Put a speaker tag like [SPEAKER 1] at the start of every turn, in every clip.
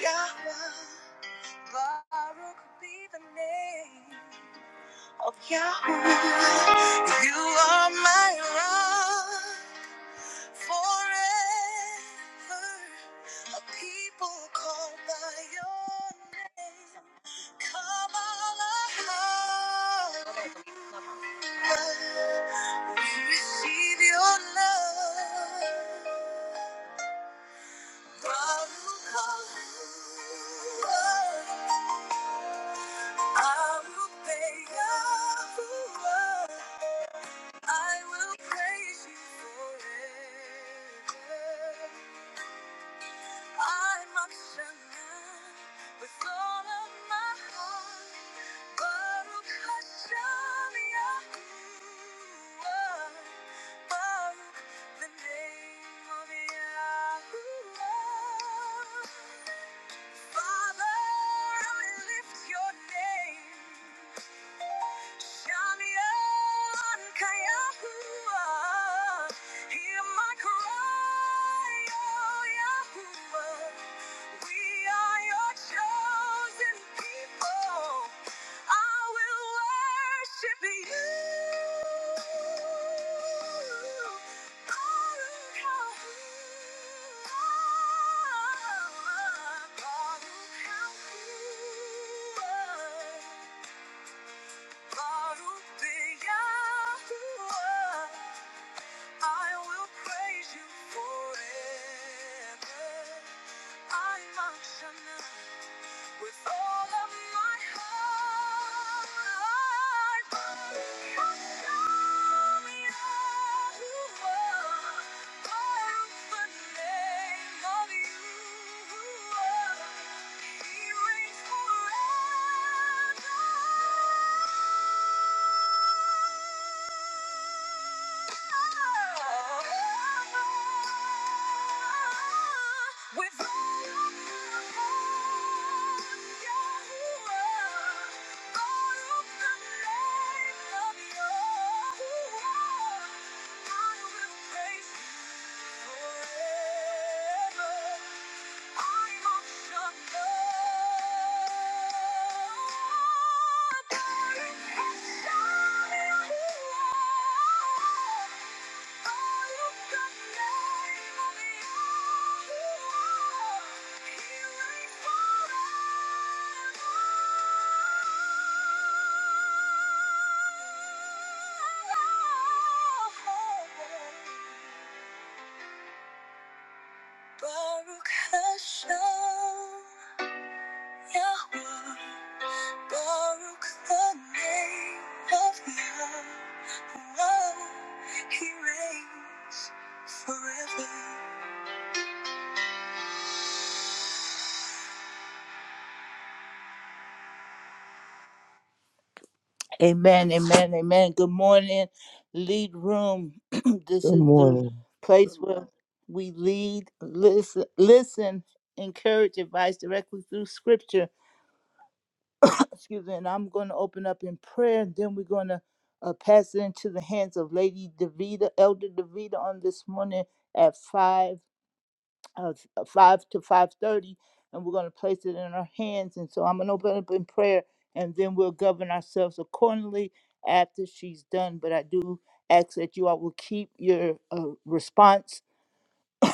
[SPEAKER 1] Yahweh, Baruch be the name of Yahweh. You are my rock forever. A people called by your name. Come all We receive your love. I will pay your love. I will praise you forever. I'm not with all of my heart. Baruch Hashem Yahuwah. Baruch the name of Yahuwah. Father, I lift your name. Shine on, Kayahua. Hear my cry, oh Yahuwah. We are your chosen people. I will worship you. Baruch Yahuwah, Baruch Yahuwah. Baruch Yahuwah, I will praise you forever. I function with all of my heart. Baruch Yahuwah, Baruch the name of Yahuwah. He reigns forever. With all your love, all of of of your your love, Oh Baruch Hashem, Yahweh. Baruch the name of Yahweh. Oh, He reigns forever. Amen, amen, amen. Good morning, lead room. this
[SPEAKER 2] Good
[SPEAKER 1] is the
[SPEAKER 2] morning.
[SPEAKER 1] place where we lead, listen, listen, encourage advice directly through scripture. excuse me, and I'm going to open up in prayer, and then we're going to uh, pass it into the hands of Lady Davida, Elder Davida, on this morning at five, uh, uh, five to five thirty, and we're going to place it in her hands. And so I'm going to open up in prayer, and then we'll govern ourselves accordingly after she's done. But I do ask that you all will keep your uh, response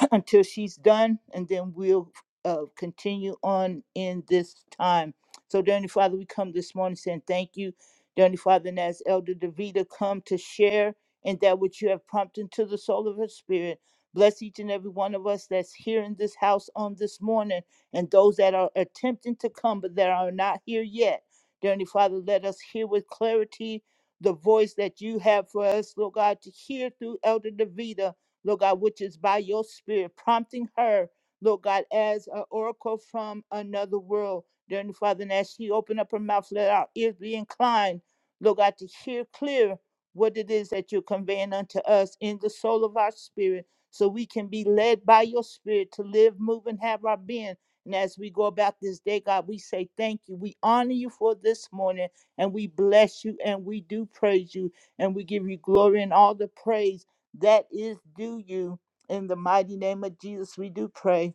[SPEAKER 1] until she's done, and then we'll uh, continue on in this time. So, Dearly Father, we come this morning saying thank you, Dearly Father, and as Elder Davida come to share and that which you have prompted to the soul of her spirit. Bless each and every one of us that's here in this house on this morning and those that are attempting to come but that are not here yet. Dearly Father, let us hear with clarity the voice that you have for us, Lord God, to hear through Elder Davida Lord God, which is by your spirit, prompting her, Lord God, as an oracle from another world. Dear Father, and as she opened up her mouth, let our ears be inclined, Lord God, to hear clear what it is that you're conveying unto us in the soul of our spirit, so we can be led by your spirit to live, move, and have our being. And as we go about this day, God, we say thank you. We honor you for this morning, and we bless you, and we do praise you, and we give you glory and all the praise that is due you. In the mighty name of Jesus, we do pray.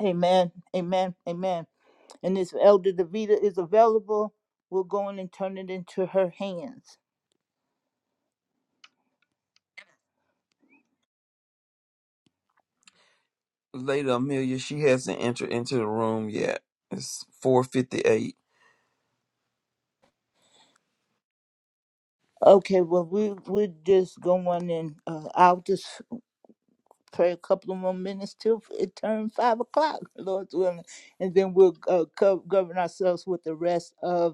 [SPEAKER 1] Amen. Amen. Amen. And if Elder Davida is available, we'll go in and turn it into her hands.
[SPEAKER 3] Lady Amelia, she hasn't entered into the room yet. It's 458.
[SPEAKER 1] Okay, well, we, we're just going and uh, I'll just pray a couple of more minutes till it turns five o'clock, Lord's willing. And then we'll uh, co- govern ourselves with the rest of.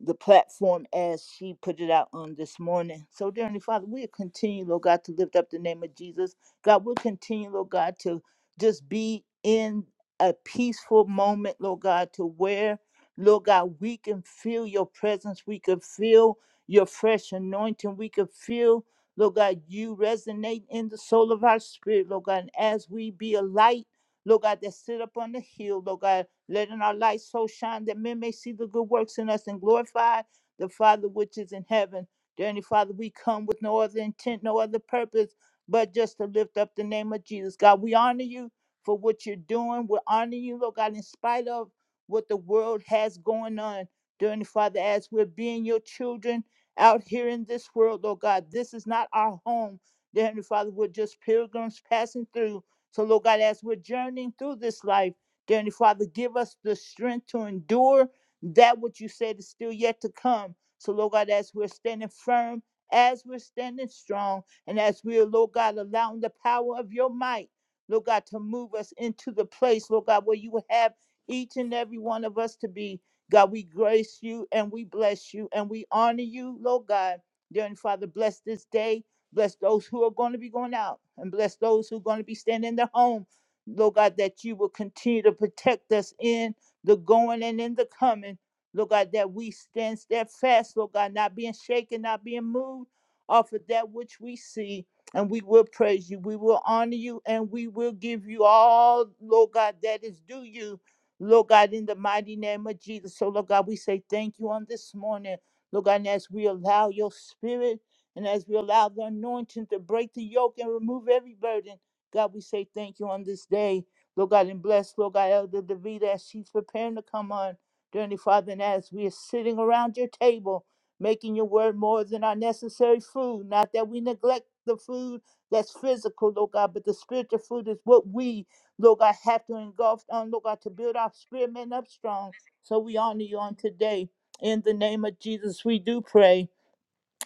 [SPEAKER 1] the platform as she put it out on this morning. So, dear Heavenly Father, we'll continue, Lord God, to lift up the name of Jesus. God, we'll continue, Lord God, to just be in a peaceful moment, Lord God, to where, Lord God, we can feel your presence. We can feel your fresh anointing. We can feel, Lord God, you resonate in the soul of our spirit, Lord God. And as we be a light, Lord God, that sit up on the hill, Lord God, letting our light so shine that men may see the good works in us and glorify the Father which is in heaven. Dear Heavenly Father, we come with no other intent, no other purpose, but just to lift up the name of Jesus. God, we honor you for what you're doing. We honor you, Lord God, in spite of what the world has going on. Dear Heavenly Father, as we're being your children out here in this world, Lord God, this is not our home. Dear Heavenly Father, we're just pilgrims passing through. So, Lord God, as we're journeying through this life, Dear Heavenly Father, give us the strength to endure that which you said is still yet to come. So, Lord God, as we're standing firm, as we're standing strong, and as we are, Lord God, allowing the power of your might, Lord God, to move us into the place, Lord God, where you would have each and every one of us to be. God, we grace you and we bless you and we honor you, Lord God. Dear Heavenly Father, bless this day. Bless those who are going to be going out and bless those who are going to be standing in their home. Lord God, that you will continue to protect us in the going and in the coming. Lord God, that we stand steadfast, Lord God, not being shaken, not being moved off of that which we see. And we will praise you, we will honor you, and we will give you all, Lord God, that is due you, Lord God, in the mighty name of Jesus. So, Lord God, we say thank you on this morning, Lord God, and as we allow your spirit and as we allow the anointing to break the yoke and remove every burden. God, we say thank you on this day. Lord God, and bless, Lord God, Elder Davida as she's preparing to come on. Dearly Father, and as we are sitting around your table, making your word more than our necessary food, not that we neglect the food that's physical, Lord God, but the spiritual food is what we, Lord God, have to engulf on, Lord God, to build our spirit men up strong. So we honor you on today. In the name of Jesus, we do pray.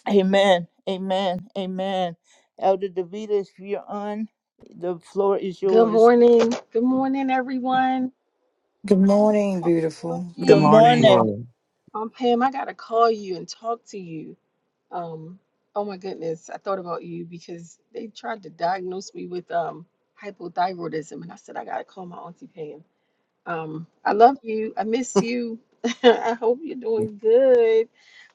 [SPEAKER 1] Amen. Amen. Amen. Elder Davita, if you're on, the floor is
[SPEAKER 4] Good
[SPEAKER 1] yours.
[SPEAKER 4] morning. Good morning, everyone.
[SPEAKER 5] Good morning,
[SPEAKER 4] Good
[SPEAKER 5] beautiful.
[SPEAKER 6] Good
[SPEAKER 1] Good
[SPEAKER 4] morning.
[SPEAKER 6] morning.
[SPEAKER 1] morning.
[SPEAKER 2] Morning.
[SPEAKER 4] Um, Pam, I gotta call you and talk to you. Um, oh my goodness, I thought about you because they tried to diagnose me with um hypothyroidism, and I said I gotta call my auntie Pam. Um, I love you. I miss you. I hope you're doing good.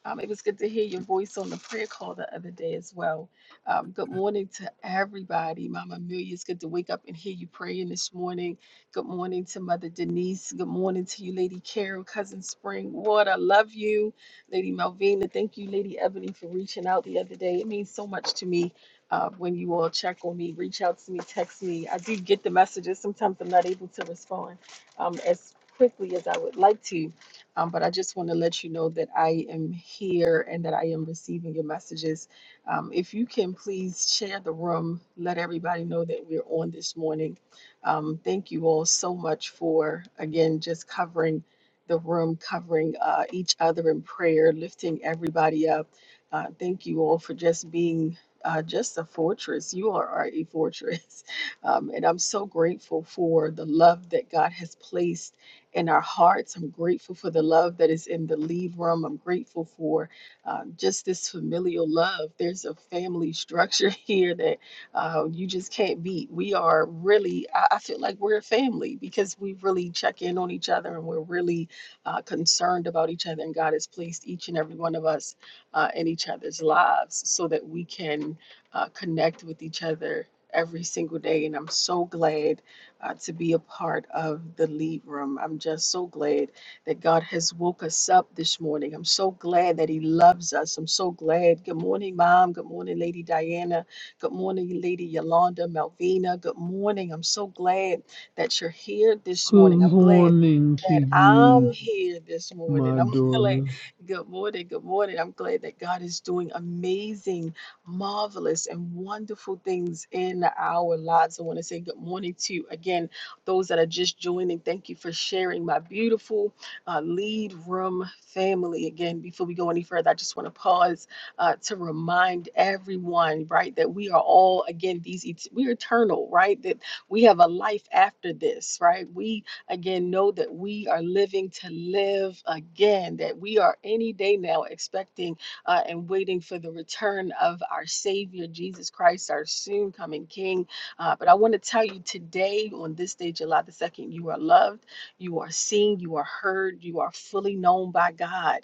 [SPEAKER 4] Um, it was good to hear your voice on the prayer call the other day as well. Um, good morning to everybody. Mama Amelia, it's good to wake up and hear you praying this morning. Good morning to Mother Denise. Good morning to you, Lady Carol, Cousin Spring. What I love you, Lady Malvina. Thank you, Lady Ebony, for reaching out the other day. It means so much to me uh, when you all check on me, reach out to me, text me. I do get the messages. Sometimes I'm not able to respond um, as quickly as I would like to. Um, but I just want to let you know that I am here and that I am receiving your messages. Um, if you can please share the room, let everybody know that we're on this morning. Um, thank you all so much for, again, just covering the room, covering uh, each other in prayer, lifting everybody up. Uh, thank you all for just being uh, just a fortress. You all are a fortress. Um, and I'm so grateful for the love that God has placed in our hearts. I'm grateful for the love that is in the lead room. I'm grateful for um, just this familial love. There's a family structure here that uh, you just can't beat. We are really, I, I feel like we're a family because we really check in on each other and we're really uh, concerned about each other. And God has placed each and every one of us uh, in each other's lives so that we can uh, connect with each other every single day. And I'm so glad uh, to be a part of the lead room. I'm just so glad that God has woke us up this morning. I'm so glad that He loves us. I'm so glad. Good morning, Mom. Good morning, Lady Diana. Good morning, Lady Yolanda, Malvina. Good morning. I'm so glad that you're here this
[SPEAKER 7] Good
[SPEAKER 4] morning. I'm glad.
[SPEAKER 7] morning to
[SPEAKER 4] That I'm
[SPEAKER 7] you,
[SPEAKER 4] here this morning.
[SPEAKER 7] my
[SPEAKER 4] I'm glad.
[SPEAKER 7] daughter.
[SPEAKER 4] Good morning. Good morning. I'm glad that God is doing amazing marvelous and wonderful things in our lives. I want to say good morning to you again, those that are just joining. Thank you for sharing my beautiful uh, lead room family. Again, before we go any further, I just want to pause uh, to remind everyone, right, that we are all again these et- we're eternal, right? That we have a life after this, right? We again know that we are living to live again, that we are any day now expecting uh, and waiting for the return of our Savior, Jesus Christ, our soon coming King. Uh, but I want to tell you today, on this day, July the 2nd, you are loved, you are seen, you are heard, you are fully known by God.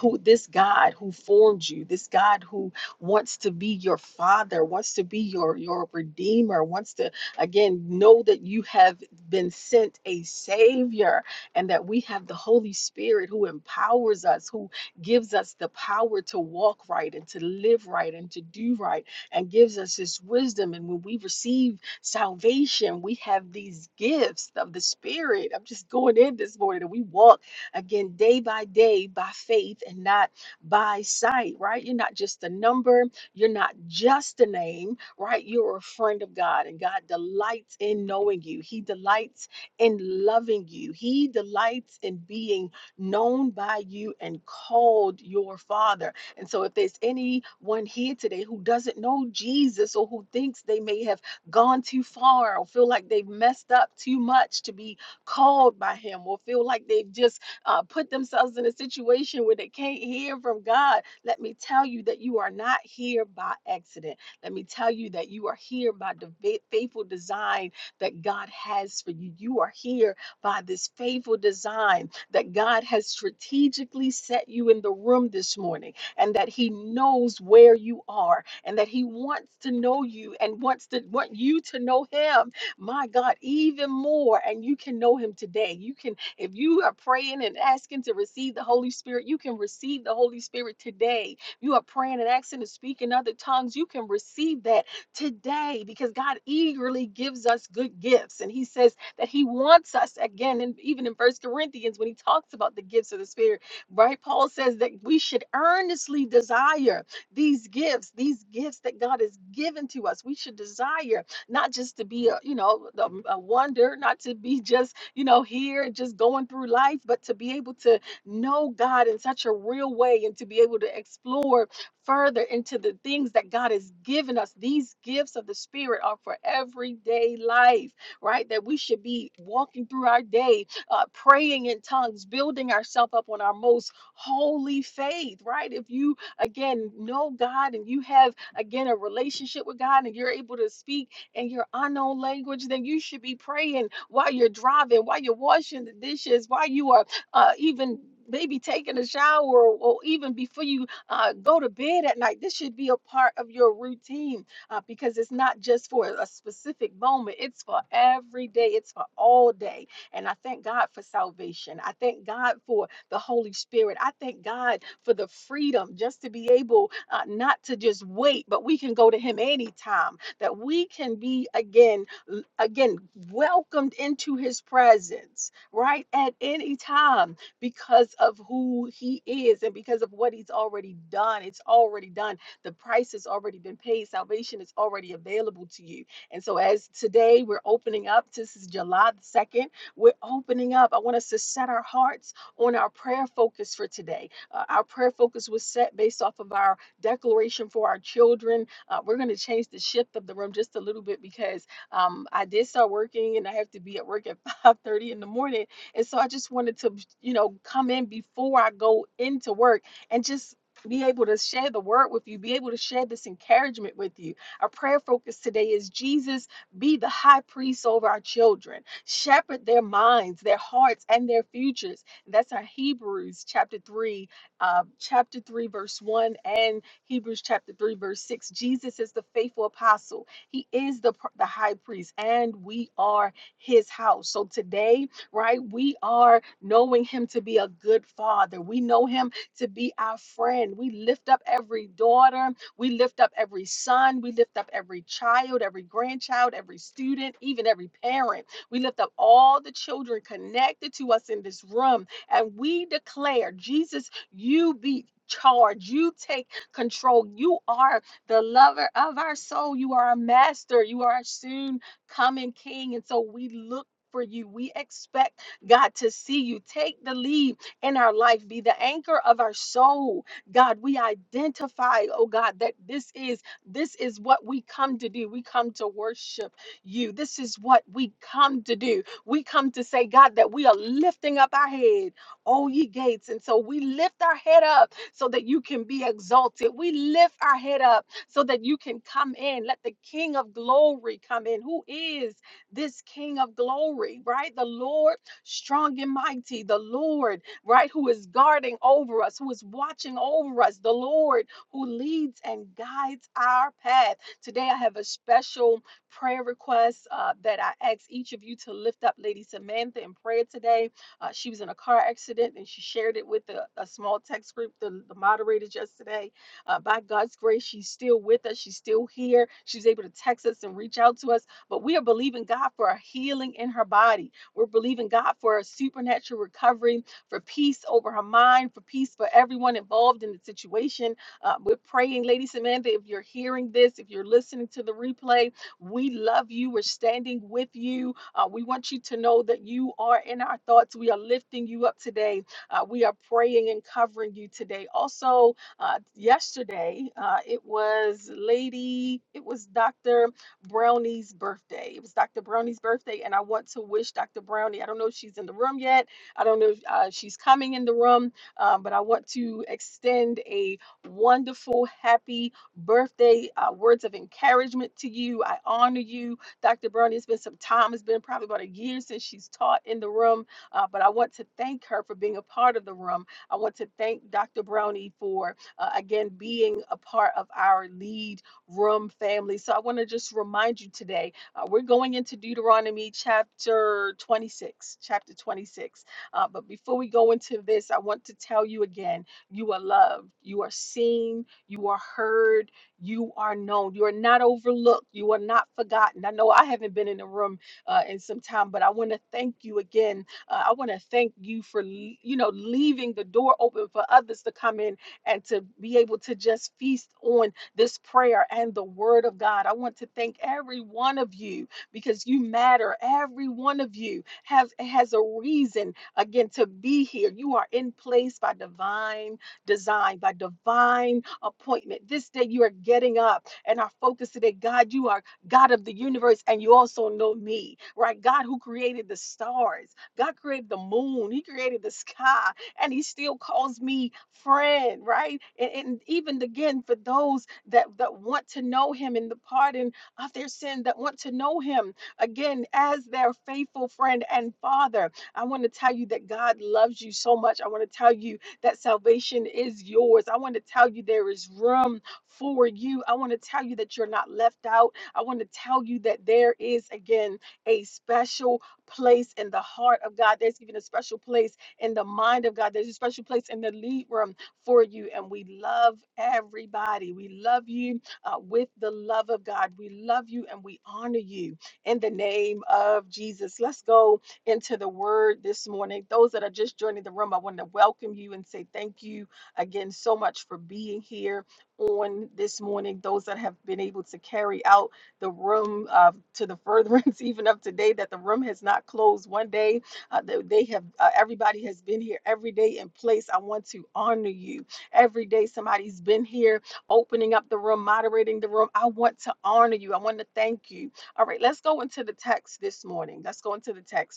[SPEAKER 4] Who, this God who formed you, this God who wants to be your Father, wants to be your, your Redeemer, wants to, again, know that you have been sent a Savior and that we have the Holy Spirit who empowers us, who gives us the power to walk right and to live right and to do right, and gives us this wisdom. And when we receive salvation, we have these gifts of the Spirit. I'm just going in this morning and we walk again day by day by faith and not by sight, right? You're not just a number, you're not just a name, right? You're a friend of God, and God delights in knowing you, He delights in loving you, He delights in being known by you and called your father. And so, if there's anyone here today who doesn't know Jesus or who thinks they may have gone too far or feel like they've messed up too much to be called by him or feel like they've just uh, put themselves in a situation where they can't hear from God, let me tell you that you are not here by accident. Let me tell you that you are here by the faithful design that God has for you. You are here by this faithful design that God has strategically set you in the room this morning and that He knows where you are and that He wants to know you and wants to want you to know Him. My God, even more. And you can know Him today. You can, if you are praying and asking to receive the Holy Spirit, you can receive the Holy Spirit today. You are praying and asking to speak in other tongues, you can receive that today because God eagerly gives us good gifts. And He says, that he wants us again and even in first corinthians when he talks about the gifts of the spirit right paul says that we should earnestly desire these gifts these gifts that god has given to us we should desire not just to be a you know a, a wonder not to be just you know here just going through life but to be able to know god in such a real way and to be able to explore further into the things that god has given us these gifts of the spirit are for everyday life right? That we should be walking through our day, uh, praying in tongues, building ourselves up on our most holy faith, right? If you, again, know God and you have, again, a relationship with God and you're able to speak in your unknown language, then you should be praying while you're driving, while you're washing the dishes, while you are uh, even maybe taking a shower or even before you uh, go to bed at night. This should be a part of your routine uh, because it's not just for a specific moment, it's for every day, it's for all day. And I thank God for salvation. I thank God for the Holy Spirit. I thank God for the freedom just to be able uh, not to just wait, but we can go to Him anytime, that we can be again, l- again, welcomed into His presence, right? At any time because of who He is and because of what He's already done. It's already done the price has already been paid. Salvation is already available to you. And so, as today we're opening up, this is July the 2nd, we're opening up. I want us to set our hearts on our prayer focus for today. Uh, our prayer focus was set based off of our declaration for our children. Uh, we're going to change the shift of the room just a little bit because um, I did start working and I have to be at work at 5:30 in the morning. And so I just wanted to, you know, come in before I go into work and just be able to share the word with you, be able to share this encouragement with you. Our prayer focus today is Jesus, be the high priest over our children, shepherd their minds, their hearts, and their futures. And That's our Hebrews chapter 3, uh, chapter 3, verse 1, and Hebrews chapter 3, verse 6. Jesus is the faithful apostle, he is the, pr- the high priest, and we are his house. So today, right, we are knowing him to be a good father. We know him to be our friend. We lift up every daughter, we lift up every son, we lift up every child, every grandchild, every student, even every parent. We lift up all the children connected to us in this room, and we declare, Jesus, you be charged. You take control. You are the lover of our soul. You are our master. You are our soon coming king. And so we look for you. We expect God to see you. Take the lead in our life be the anchor of our soul. God, we identify, oh God, that this is this is what we come to do. We come to worship you. This is what we come to do. We come to say, God, that we are lifting up our head, oh ye gates. And so we lift our head up so that you can be exalted. We lift our head up so that you can come in. Let the King of glory come in. Who is this King of glory, right? The Lord strong and mighty, the Lord right? Who is guarding over us, who is watching over us, the Lord who leads and guides our path. Today, I have a special prayer request uh, that I ask each of you to lift up Lady Samantha in prayer today. Uh, she was in a car accident and she shared it with a, a small text group, the, the moderators yesterday. Uh, by God's grace, she's still with us. She's still here. She's able to text us and reach out to us. But we are believing God for a healing in her body. We're believing God for a supernatural recovery for peace over her mind, for peace for everyone involved in the situation. Uh, we're praying, Lady Samantha, if you're hearing this, if you're listening to the replay, we love you. We're standing with you. Uh, we want you to know that you are in our thoughts. We are lifting you up today. Uh, we are praying and covering you today. Also, uh, yesterday, uh, it was Lady, it was Dr. Brownie's birthday. It was Dr. Brownie's birthday, and I want to wish Dr. Brownie, I don't know if she's in the room yet I don't know if uh, she's coming in the room, uh, but I want to extend a wonderful, happy birthday, uh, words of encouragement to you. I honor you, Dr. Bernie. It's been some time, it's been probably about a year since she's taught in the room, uh, but I want to thank her for being a part of the room. I want to thank Dr. Brownie for, uh, again, being a part of our lead room family. So I want to just remind you today uh, we're going into Deuteronomy chapter 26, chapter 26. Uh, but before we go into this, I want to tell you again you are loved, you are seen, you are heard, you are known, you are not overlooked, you are not forgotten. I know I haven't been in the room uh, in some time, but I want to thank you again. Uh, I want to thank you for, l- you know, leaving the door open for others to come in and to be able to just feast on this prayer and the word of God. I want to thank every one of you because you matter. Every one of you have has a reason again to be here. You are in place by divine design, by divine appointment. This day you are getting up and our focus today, God, you are God of the universe and you also know me, right? God who created the stars, God created the moon, He created the sky, and He still calls me friend, right? And, and even again, for those that, that want to know Him in the pardon of their sin, that want to know Him again as their faithful friend and Father, I want to tell you that God loves you so much. I want to tell you that salvation is yours. I want to tell you there is room for you. I want to tell you that you're not left out. I want to tell you that there is, again, a special place in the heart of God. There's even a special place in the mind of God. There's a special place in the lead room for you. And we love everybody. We love you uh, with the love of God. We love you and we honor you in the name of Jesus. Let's go into the word this morning. Those that are just joining the room, I want to welcome you and say thank you again so much for being here on this morning. Those that have been able to carry out the room uh, to the furtherance even of today, that the room has not closed one day. Uh, they, they have uh, everybody has been here every day in place. I want to honor you. Every day somebody's been here opening up the room, moderating the room. I want to honor you. I want to thank you. All right, let's go into the text this morning. Let's go into the text.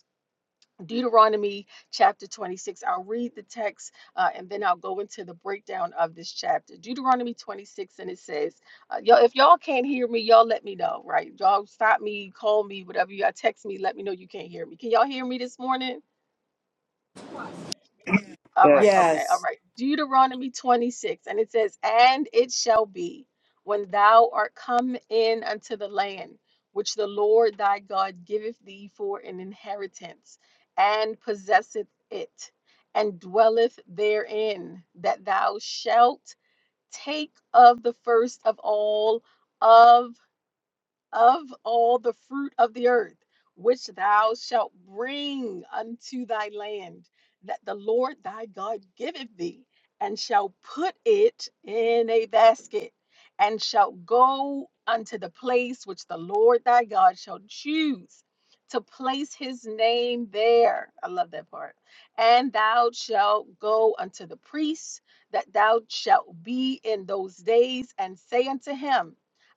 [SPEAKER 4] Deuteronomy chapter 26. I'll read the text uh, and then I'll go into the breakdown of this chapter. Deuteronomy 26, and it says, uh, y'all, if y'all can't hear me, y'all let me know, right? Y'all stop me, call me, whatever. Y'all text me, let me know you can't hear me. Can y'all hear me this morning? All right,
[SPEAKER 6] Yes,
[SPEAKER 4] okay, all
[SPEAKER 5] Yes.
[SPEAKER 4] right. Deuteronomy 26, and it says, And it shall be when thou art come in unto the land which the Lord thy God giveth thee for an inheritance, and possesseth it, and dwelleth therein, that thou shalt take of the first of all of of all the fruit of the earth, which thou shalt bring unto thy land, that the Lord thy God giveth thee, and shall put it in a basket, and shall go unto the place which the Lord thy God shall choose to place his name there. I love that part. And thou shalt go unto the priest, that thou shalt be in those days, and say unto him,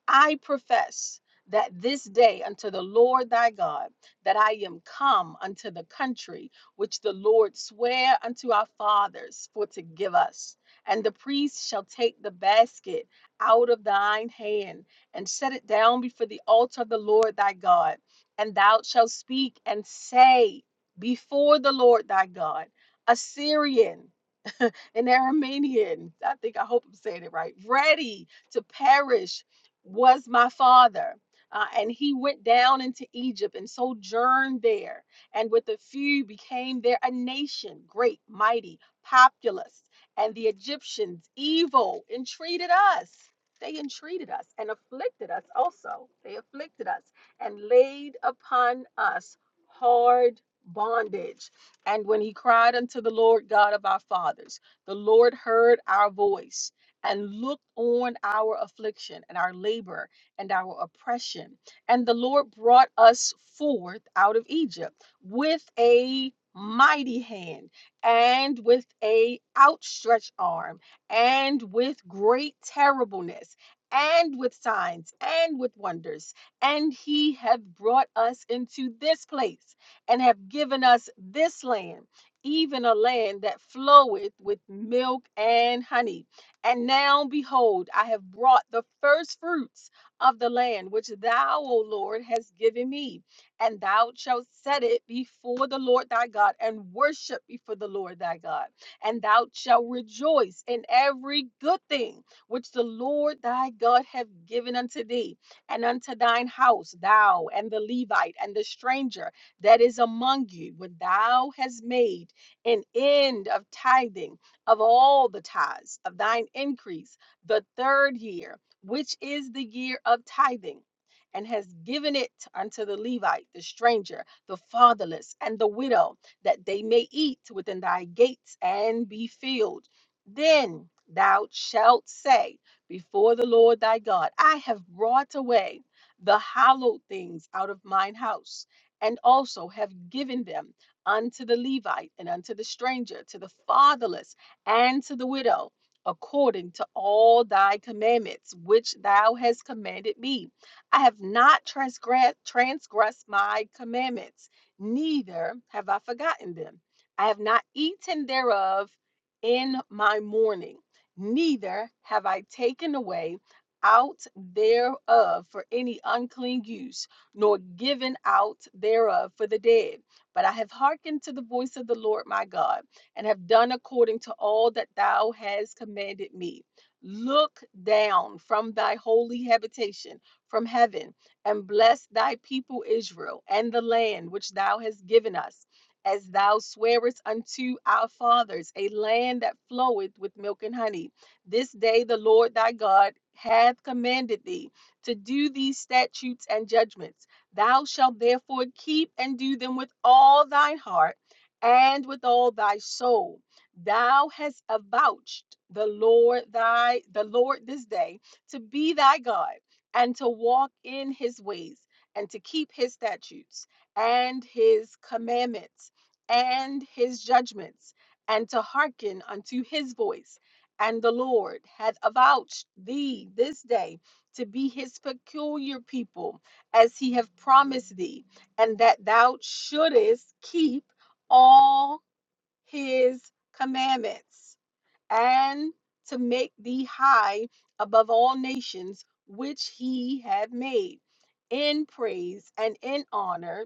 [SPEAKER 4] I profess that this day unto the Lord thy God, that I am come unto the country which the Lord sware unto our fathers for to give us. And the priest shall take the basket out of thine hand and set it down before the altar of the Lord thy God. And thou shalt speak and say before the Lord thy God, Assyrian an Aramean. I think I hope I'm saying it right. Ready to perish was my father. Uh, and he went down into Egypt and sojourned there, and with a few became there a nation, great, mighty, populous. And the Egyptians, evil, entreated us. They entreated us and afflicted us also. They afflicted us and laid upon us hard bondage. And when he cried unto the Lord God of our fathers, the Lord heard our voice and looked on our affliction and our labor and our oppression. And the Lord brought us forth out of Egypt with a mighty hand and with a outstretched arm and with great terribleness and with signs and with wonders and he hath brought us into this place and have given us this land even a land that floweth with milk and honey. And now, behold, I have brought the first fruits of the land which thou, O Lord, hast given me. And thou shalt set it before the Lord thy God and worship before the Lord thy God. And thou shalt rejoice in every good thing which the Lord thy God hath given unto thee, and unto thine house, thou and the Levite and the stranger that is among you, when thou hast made an end of tithing of all the tithes of thine increase the third year, which is the year of tithing, and has given it unto the Levite, the stranger, the fatherless, and the widow, that they may eat within thy gates and be filled. Then thou shalt say before the Lord thy God, I have brought away the hallowed things out of mine house, and also have given them unto the Levite and unto the stranger, to the fatherless and to the widow, according to all thy commandments which thou hast commanded me. I have not transgressed, transgressed my commandments, neither have I forgotten them. I have not eaten thereof in my mourning, neither have I taken away out thereof for any unclean use, nor given out thereof for the dead but I have hearkened to the voice of the Lord my God, and have done according to all that thou hast commanded me. Look down from thy holy habitation, from heaven, and bless thy people Israel and the land which thou hast given us, as thou swarest unto our fathers, a land that floweth with milk and honey. This day the Lord thy God hath commanded thee to do these statutes and judgments Thou shalt therefore keep and do them with all thine heart and with all thy soul. Thou hast avouched the Lord thy the Lord this day to be thy God and to walk in his ways and to keep his statutes and his commandments and his judgments and to hearken unto his voice. And the Lord hath avouched thee this day to be his peculiar people as he have promised thee, and that thou shouldest keep all his commandments and to make thee high above all nations which he had made in praise and in honor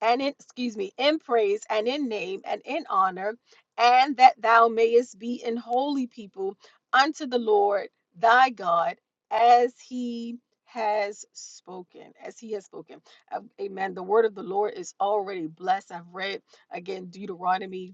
[SPEAKER 4] and in excuse me in praise and in name and in honor and that thou mayest be an holy people unto the lord thy god as he has spoken as he has spoken Uh, amen the word of the lord is already blessed i've read again deuteronomy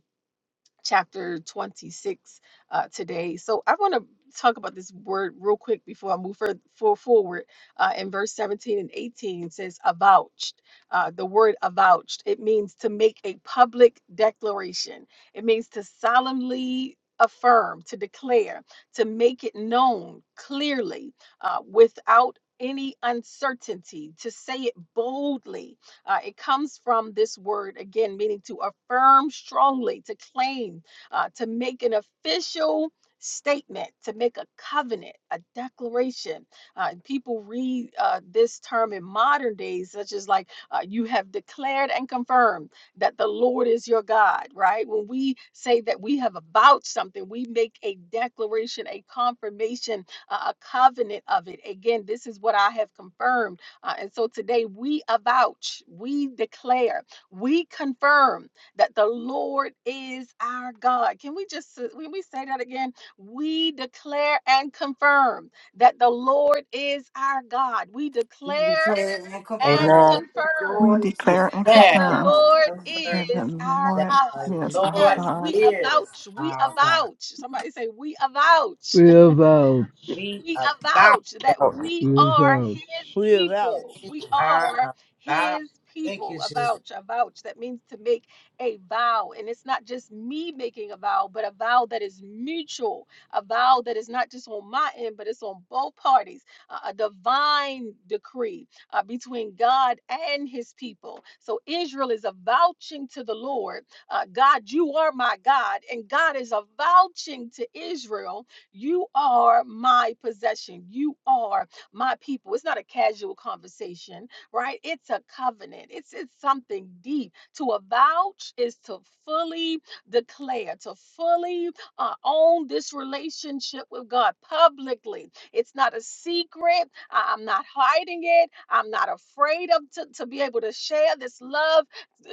[SPEAKER 4] chapter 26 uh, today. So I want to talk about this word real quick before I move further for forward. Uh, in verse 17 and 18 it says avouched. Uh, the word avouched, it means to make a public declaration. It means to solemnly affirm, to declare, to make it known clearly uh, without any uncertainty, to say it boldly, uh, it comes from this word, again, meaning to affirm strongly, to claim, uh, to make an official statement, to make a covenant, a declaration. Uh, and people read uh, this term in modern days, such as like, uh, you have declared and confirmed that the Lord is your God, right? When we say that we have about something, we make a declaration, a confirmation, a a covenant of it. Again, this is what I have confirmed uh, and so today we avouch, we declare, we confirm that the Lord is our God. Can we just s- when we say that again? We declare and confirm that the Lord is our God. We
[SPEAKER 5] We
[SPEAKER 4] declare
[SPEAKER 5] declare and
[SPEAKER 4] and
[SPEAKER 5] confirm
[SPEAKER 8] Amen.
[SPEAKER 5] that the
[SPEAKER 4] confirm
[SPEAKER 9] We
[SPEAKER 5] joy is
[SPEAKER 9] declare and
[SPEAKER 4] that
[SPEAKER 5] our
[SPEAKER 4] the
[SPEAKER 8] Declare
[SPEAKER 9] confirm
[SPEAKER 5] God.
[SPEAKER 4] Lord
[SPEAKER 8] and confirm
[SPEAKER 9] that the
[SPEAKER 4] is our
[SPEAKER 9] Lord
[SPEAKER 8] that
[SPEAKER 4] God.
[SPEAKER 8] the
[SPEAKER 9] is our
[SPEAKER 8] Lord
[SPEAKER 4] Yes,
[SPEAKER 9] God.
[SPEAKER 4] we
[SPEAKER 8] is
[SPEAKER 4] avouch, we
[SPEAKER 8] our God.
[SPEAKER 4] avouch. Somebody say, we avouch
[SPEAKER 7] We avouch,
[SPEAKER 8] We
[SPEAKER 4] we
[SPEAKER 8] about
[SPEAKER 4] avouch that
[SPEAKER 6] thou
[SPEAKER 4] we
[SPEAKER 7] we
[SPEAKER 4] are his
[SPEAKER 7] avouch.
[SPEAKER 1] We are out.
[SPEAKER 4] people. We are
[SPEAKER 8] our about.
[SPEAKER 4] his
[SPEAKER 8] Thank you,
[SPEAKER 4] people.
[SPEAKER 8] Jesus.
[SPEAKER 4] Avouch, avouch. That means to make a vow. And it's not just me making a vow, but a vow that is mutual, a vow that is not just on my end, but it's on both parties. A, a divine decree uh, between God and his people. So Israel is avouching to the Lord, uh, God, you are my God. And God is avouching to Israel you are my possession. You are my people. It's not a casual conversation, right? It's a covenant. It's it's something deep. To avouch is to fully declare, to fully uh, own this relationship with God publicly. It's not a secret. I- I'm not hiding it. I'm not afraid of to, to be able to share this love.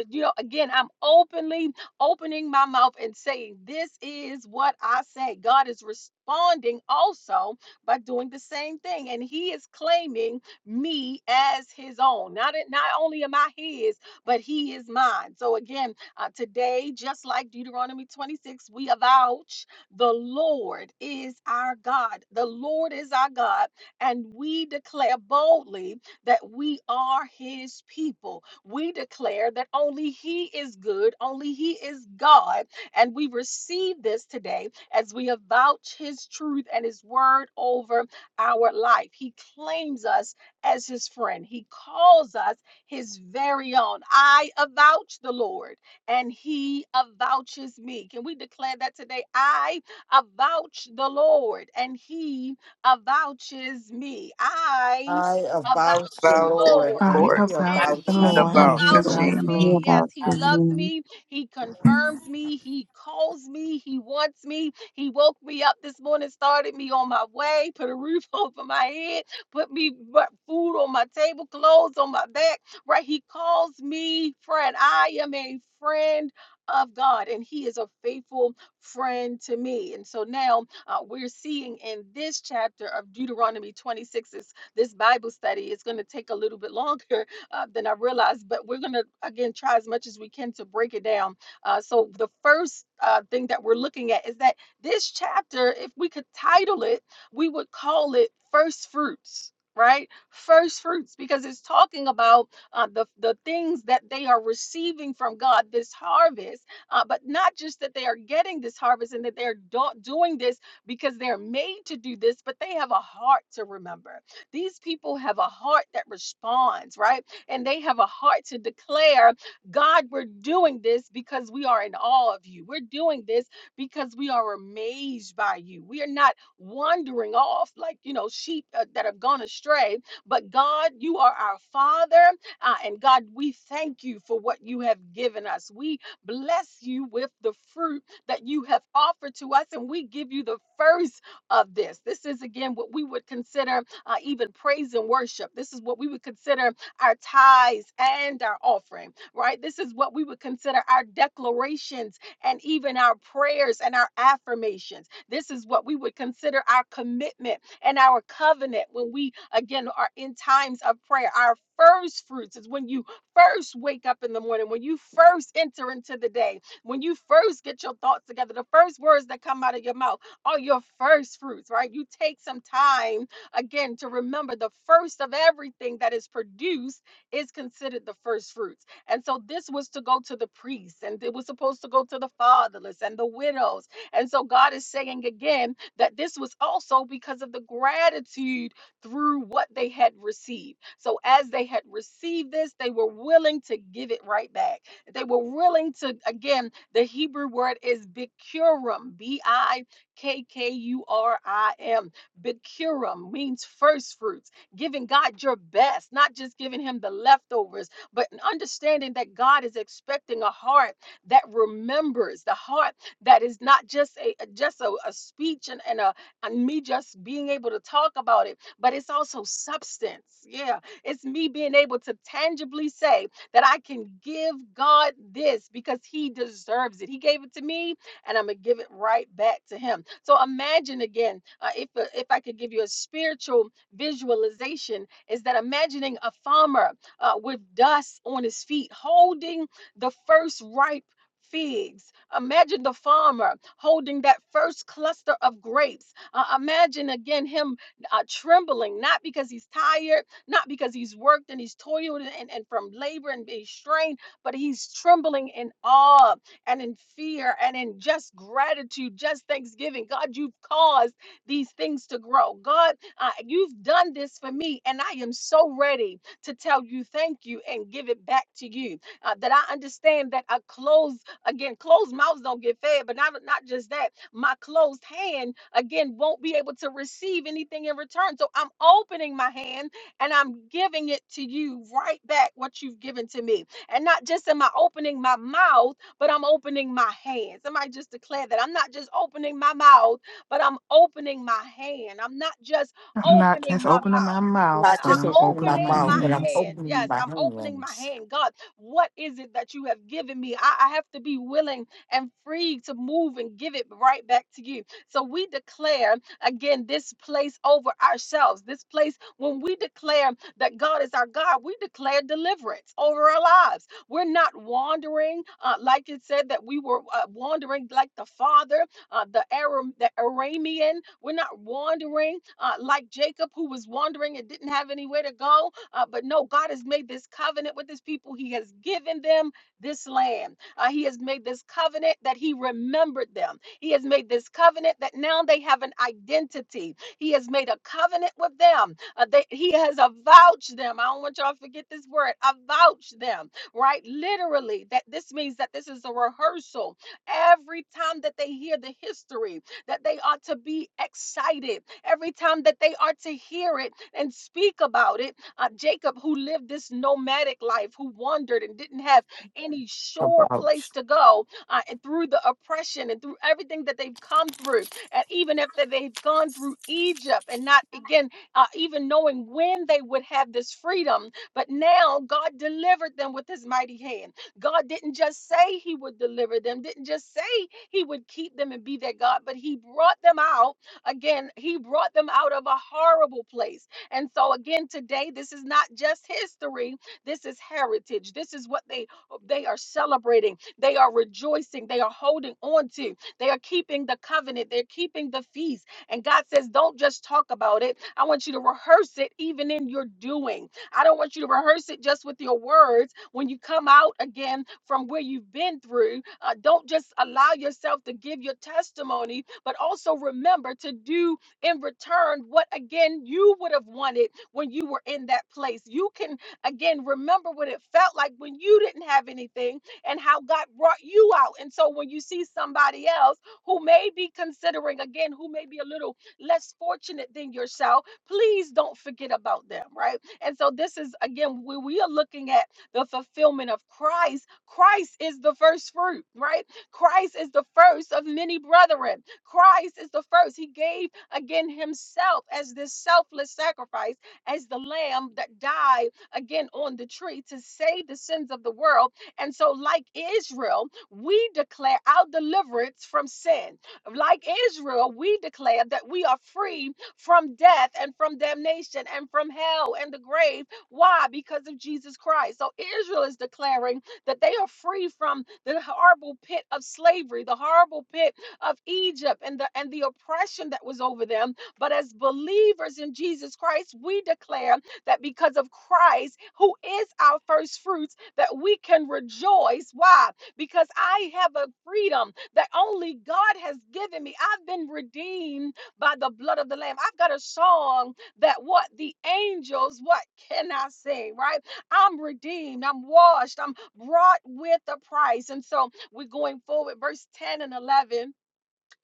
[SPEAKER 4] You know, again, I'm openly opening my mouth and saying, This is what I say. God is responding also by doing the same thing. And He is claiming me as His own. Not, not only am I His, but He is mine. So again, uh, today, just like Deuteronomy 26, we avouch the Lord is our God. The Lord is our God. And we declare boldly that we are his people. We declare that only he is good, only he is God. And we receive this today as we avouch his truth and his word over our life. He claims us as his friend, he calls us his very own. I avouch the Lord, and he avouches me. Can we declare that today? I avouch the Lord, and he avouches me. I
[SPEAKER 5] I
[SPEAKER 4] avouch.
[SPEAKER 5] about
[SPEAKER 4] The
[SPEAKER 5] the
[SPEAKER 6] thou
[SPEAKER 5] Lord
[SPEAKER 4] Lord
[SPEAKER 5] and
[SPEAKER 9] I
[SPEAKER 6] wert
[SPEAKER 5] he
[SPEAKER 9] avowed
[SPEAKER 8] I-
[SPEAKER 4] and
[SPEAKER 9] to
[SPEAKER 5] about
[SPEAKER 9] the
[SPEAKER 5] to
[SPEAKER 8] I-
[SPEAKER 10] I'm
[SPEAKER 4] he
[SPEAKER 9] Lord
[SPEAKER 10] about
[SPEAKER 5] me.
[SPEAKER 9] and
[SPEAKER 6] devout
[SPEAKER 9] he
[SPEAKER 10] to
[SPEAKER 6] to
[SPEAKER 10] go over
[SPEAKER 9] avowed
[SPEAKER 6] me.
[SPEAKER 4] avouches
[SPEAKER 9] to
[SPEAKER 10] and
[SPEAKER 9] me.
[SPEAKER 10] hear
[SPEAKER 4] me. Yes,
[SPEAKER 10] about
[SPEAKER 4] he
[SPEAKER 8] I
[SPEAKER 10] the
[SPEAKER 4] loves
[SPEAKER 10] Zoom.
[SPEAKER 4] me. He confirms me. He calls me. He wants me. He woke me up this morning, started me on my way, put a roof over my head, put me bu- food on my table, clothes on my back. Right? He calls me friend. I am a friend of God, and He is a faithful friend to me. And so now uh, we're seeing in this chapter of Deuteronomy 26, this, this Bible study, it's going to take a little bit longer uh, than I realized. But we're going to, again, try as much as we can to break it down. Uh, so, the first uh, thing that we're looking at is that this chapter, if we could title it, we would call it First Fruits. Right, first fruits, because it's talking about uh, the the things that they are receiving from God, this harvest, uh, but not just that they are getting this harvest and that they're do- doing this because they're made to do this, but they have a heart to remember. These people have a heart that responds, right? and they have a heart to declare, God, we're doing this because we are in awe of you. We're doing this because we are amazed by you. We are not wandering off like, you know, sheep uh, that have gone astray, but God, you are our Father. Uh, and God, we thank you for what you have given us. We bless you with the fruit that you have offered to us, and we give you the first of this. This is, again, what we would consider uh, even praise and worship. This is what we would consider our tithes and our offering, right? This is what we would consider our declarations and even our prayers and our affirmations. This is what we would consider our commitment and our covenant when we, again, are in times of prayer. Our first fruits is when you first wake up in the morning, when you first enter into the day, when you first get your thoughts together, the first words that come out of your mouth are your first fruits, right? You take some time again to remember the first of everything that is produced is considered the first fruits. And so this was to go to the priests and it was supposed to go to the fatherless and the widows. And so God is saying again that this was also because of the gratitude through what they had received. So as they had received this, they were willing to give it right back. They were willing to, again, the Hebrew word is bikurim, B I K K U R I M Bikurim means first fruits, giving God your best, not just giving him the leftovers, but understanding that God is expecting a heart that remembers, the heart that is not just a a- just a, a speech and, and a and me just being able to talk about it, but it's also substance. Yeah. It's me being able to tangibly say that I can give God this because he deserves it. He gave it to me and I'm gonna give it right back to him. So imagine again, uh, if uh, if I could give you a spiritual visualization, is that imagining a farmer uh, with dust on his feet, holding the first ripe figs. Imagine the farmer holding that first cluster of grapes. Uh, imagine again him uh, trembling, not because he's tired, not because he's worked and he's toiled and, and from labor and being strained, but he's trembling in awe and in fear and in just gratitude, just thanksgiving. God, you've caused these things to grow. God, uh, you've done this for me, and I am so ready to tell you thank you and give it back to you. Uh, that I understand that a closed, again, closed mouths don't get fed, but not, not just that, my closed hand, again, won't be able to receive anything in return. So I'm opening my hand and I'm giving it to you right back what you've given to me. And not just am I opening my mouth but I'm opening my hand. Somebody just declared that I'm not just opening my mouth, but I'm opening my hand. I'm not just
[SPEAKER 9] I'm not
[SPEAKER 4] opening
[SPEAKER 9] just
[SPEAKER 4] my
[SPEAKER 9] opening my
[SPEAKER 4] mouth,
[SPEAKER 5] I'm
[SPEAKER 4] but
[SPEAKER 9] mouth,
[SPEAKER 5] not
[SPEAKER 9] but
[SPEAKER 4] I'm
[SPEAKER 5] just
[SPEAKER 9] I'm
[SPEAKER 5] opening my
[SPEAKER 9] opening my
[SPEAKER 4] opening
[SPEAKER 5] mouth,
[SPEAKER 4] my
[SPEAKER 5] but I'm
[SPEAKER 9] hands.
[SPEAKER 4] hand.
[SPEAKER 5] opening
[SPEAKER 4] Yes,
[SPEAKER 5] my
[SPEAKER 4] I'm opening my
[SPEAKER 5] hands
[SPEAKER 4] hand. God, what is it that you have given me? I, I have to be willing and free to move and give it right back to you. So we declare again this place over ourselves. This place, when we declare that God is our God, we declare deliverance over our lives we're not wandering, uh, like it said that we were uh, wandering like the father, uh, the Aram, the Aramean. We're not wandering uh, like Jacob, who was wandering and didn't have anywhere to go. Uh, but no, God has made this covenant with His people. He has given them this land. Uh, he has made this covenant that He remembered them. He has made this covenant that now they have an identity. He has made a covenant with them. Uh, they, he has avouched them. I don't want y'all to forget this word. Avouched them right? Literally, that this means that this is a rehearsal. Every time that they hear the history, that they ought to be excited. Every time that they are to hear it and speak about it, uh, Jacob, who lived this nomadic life, who wandered and didn't have any sure
[SPEAKER 5] about.
[SPEAKER 4] place to go, uh, and through the oppression and through everything that they've come through, and even after they've gone through Egypt and not again, uh, even knowing when they would have this freedom, but now God delivered them with his mighty hand. God didn't just say he would deliver them, didn't just say he would keep them and be their God, but he brought them out. Again, he brought them out of a horrible place. And so, again, today, this is not just history, this is heritage. This is what they, they are celebrating, they are rejoicing, they are holding on to, they are keeping the covenant, they're keeping the feast. And God says, Don't just talk about it, I want you to rehearse it even in your doing. I don't want you to rehearse it just with your words. When you come out again from where you've been through, uh, don't just allow yourself to give your testimony, but also remember to do in return what again you would have wanted when you were in that place. You can again remember what it felt like when you didn't have anything and how God brought you out. And so when you see somebody else who may be considering again, who may be a little less fortunate than yourself, please don't forget about them, right? And so this is again where we are looking at the fulfillment of Christ. Christ is the first fruit, right? Christ is the first of many brethren. Christ is the first. He gave again himself as this selfless sacrifice, as the lamb that died again on the tree to save the sins of the world. And so, like Israel, we declare our deliverance from sin. Like Israel, we declare that we are free from death and from damnation and from hell and the grave. Why? Because of Jesus Christ. So Israel is declaring that they are free from the horrible pit of slavery, the horrible pit of Egypt and the and the oppression that was over them. But as believers in Jesus Christ, we declare that because of Christ, who is our first fruits, that we can rejoice. Why? Because I have a freedom that only God has given me. I've been redeemed by the blood of the Lamb. I've got a song that what the angels, what can I sing, right? I'm redeemed, I'm washed, I'm brought with a price. And so we're going forward, verse 10 and 11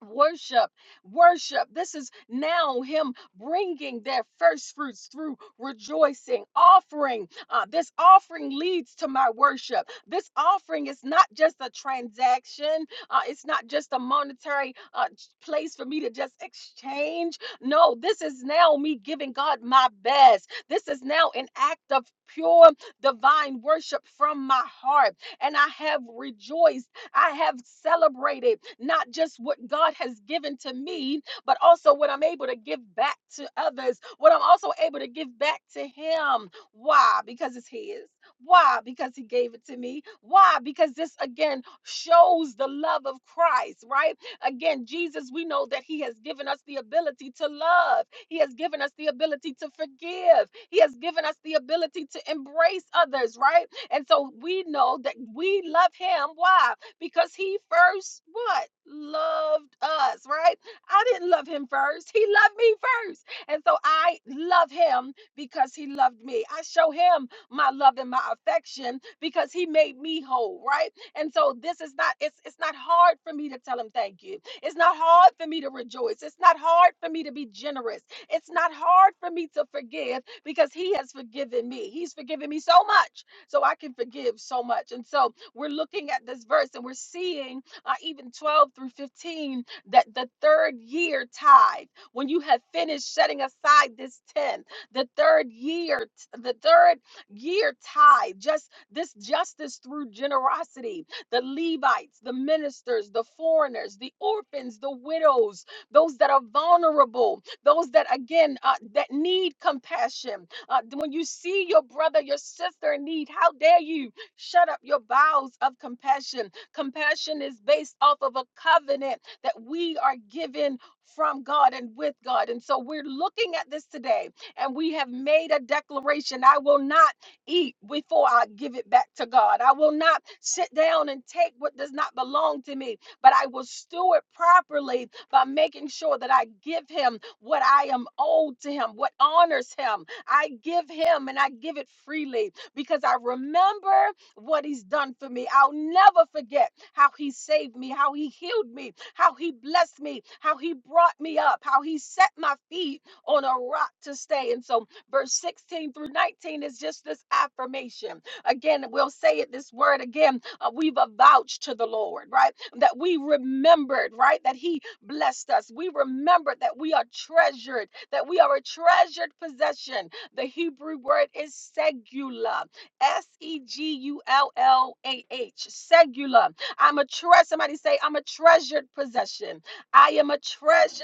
[SPEAKER 4] Worship, worship. This is now Him bringing their first fruits through rejoicing, offering. Uh, this offering leads to my worship. This offering is not just a transaction, uh, it's not just a monetary uh, j- place for me to just exchange. No, this is now me giving God my best. This is now an act of pure divine worship from my heart. And I have rejoiced I have celebrated not just what God has given to me, but also what I'm able to give back to others, what I'm also able to give back to Him. Why? Because it's His. Why? Because He gave it to me. Why? Because this again shows the love of Christ, right? Again, Jesus, we know that He has given us the ability to love, He has given us the ability to forgive, He has given us the ability to embrace others, right? And so we know that we love Him. Why? because he first what loved us right i didn't love him first he loved me first and so i love him because he loved me i show him my love and my affection because he made me whole right and so this is not it's it's not hard for me to tell him thank you it's not hard for me to rejoice it's not hard for me to be generous it's not hard for me to forgive because he has forgiven me he's forgiven me so much so i can forgive so much and so we're looking at this verse and we're seeing uh, even 12 through 15 that the third year tithe, when you have finished setting aside this tenth, the third year, the third year tithe, just this justice through generosity, the Levites, the ministers, the foreigners, the orphans, the widows, those that are vulnerable, those that again uh, that need compassion. Uh, when you see your brother, your sister in need, how dare you? Shut up your bowels of compassion. Compassion is based off of a covenant that we are given from God and with God. And so we're looking at this today and we have made a declaration I will not eat before I give it back to God. I will not sit down and take what does not belong to me, but I will steward properly by making sure that I give Him what I am owed to Him, what honors Him. I give Him and I give it freely because I remember what he's done for me. I'll never forget how he saved me, how he healed me, how he blessed me, how he brought me up, how he set my feet on a rock to stay. And so, verse 16 through 19 is just this affirmation. Again, we'll say it this word again. uh, we've avouched to the Lord, right? That we remembered, right? That he blessed us. We remembered that we are treasured, that we are a treasured possession. The Hebrew word is segula S E G U L L A H, segula. I'm a treasure. Somebody say, I'm a treasured possession. I am a treasure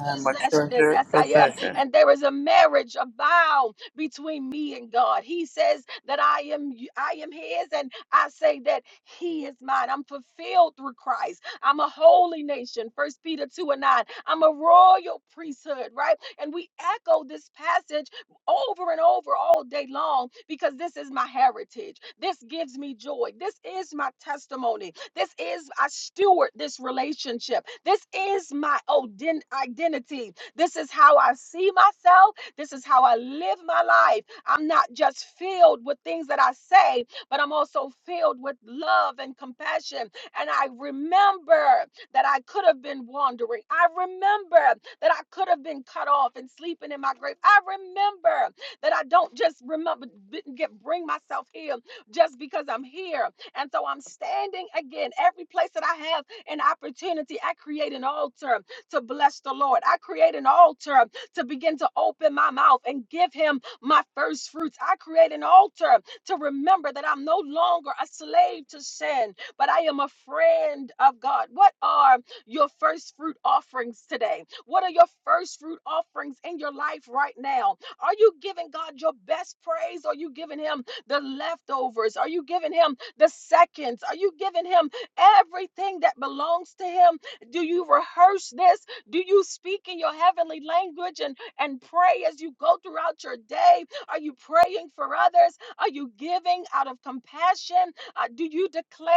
[SPEAKER 6] I am a
[SPEAKER 4] possession.
[SPEAKER 6] treasured
[SPEAKER 4] Yes, I am.
[SPEAKER 6] possession.
[SPEAKER 4] And there is a marriage, a vow between me and God. He says that I am I am his and I say that he is mine. I'm fulfilled through Christ. I'm a holy nation. First Peter 2 and 9. I'm a royal priesthood, right? And we echo this passage over and over all day long because this is my heritage. This gives me joy. This is my testimony this is I steward this relationship. This is my oden- identity. This is how I see myself. This is how I live my life. I'm not just filled with things that I say, but I'm also filled with love and compassion. And I remember that I could have been wandering. I remember that I could have been cut off and sleeping in my grave. I remember that I don't just remember Didn't get bring myself here just because I'm here, and so I'm standing again. Every place that I have an opportunity, I create an altar to bless the Lord. I create an altar to begin to open my mouth and give him my first fruits. I create an altar to remember that I'm no longer a slave to sin, but I am a friend of God. What are your first fruit offerings today? What are your first fruit offerings in your life right now? Are you giving God your best praise? Or Are you giving him the leftovers? Are you giving him the seconds? Are you giving him everything that belongs to him? Do you rehearse this? Do you speak in your heavenly language and, and pray as you go throughout your day? Are you praying for others? Are you giving out of compassion? Uh, do you declare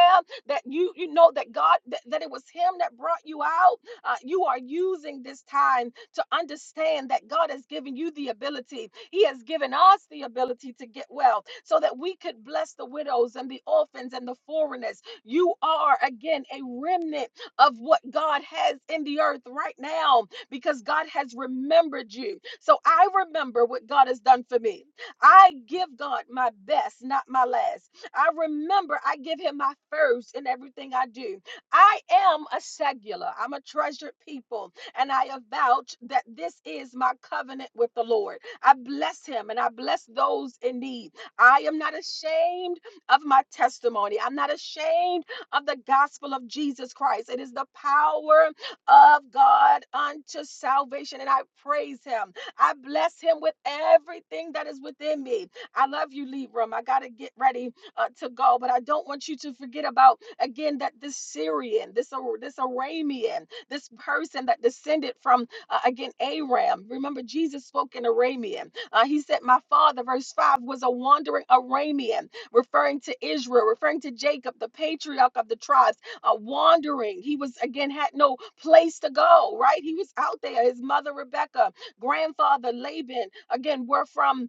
[SPEAKER 4] that you you know that God that, that it was him that brought you out? Uh, you are using this time to understand that God has given you the ability he has given us the ability to get well so that we could bless the widows and the orphans and the foreigners. You are, again, a remnant of what God has in the earth right now because God has remembered you. So I remember what God has done for me. I give God my best, not my last. I remember I give Him my first in everything I do. I am a secular, I'm a treasured people, and I avouch that this is my covenant with the Lord. I bless him and I bless those in need. I am not ashamed of my testimony. I'm not ashamed of the gospel of Jesus Christ. It is the power of God unto salvation. And I praise him. I bless him with everything that is within me. I love you, Libram. I got to get ready uh, to go, but I don't want you to forget about, again, that this Syrian, this, this Aramean, this person that descended from uh, again, Aram, remember Jesus spoke in Aramean. Uh, he said, My father, verse 5, was a wandering Aramean, referring to Israel, referring to Jacob, the patriarch of the tribes, uh, wandering. He was, again, had no place to go, right? He was out there. His mother, Rebecca, grandfather, Laban, again, were from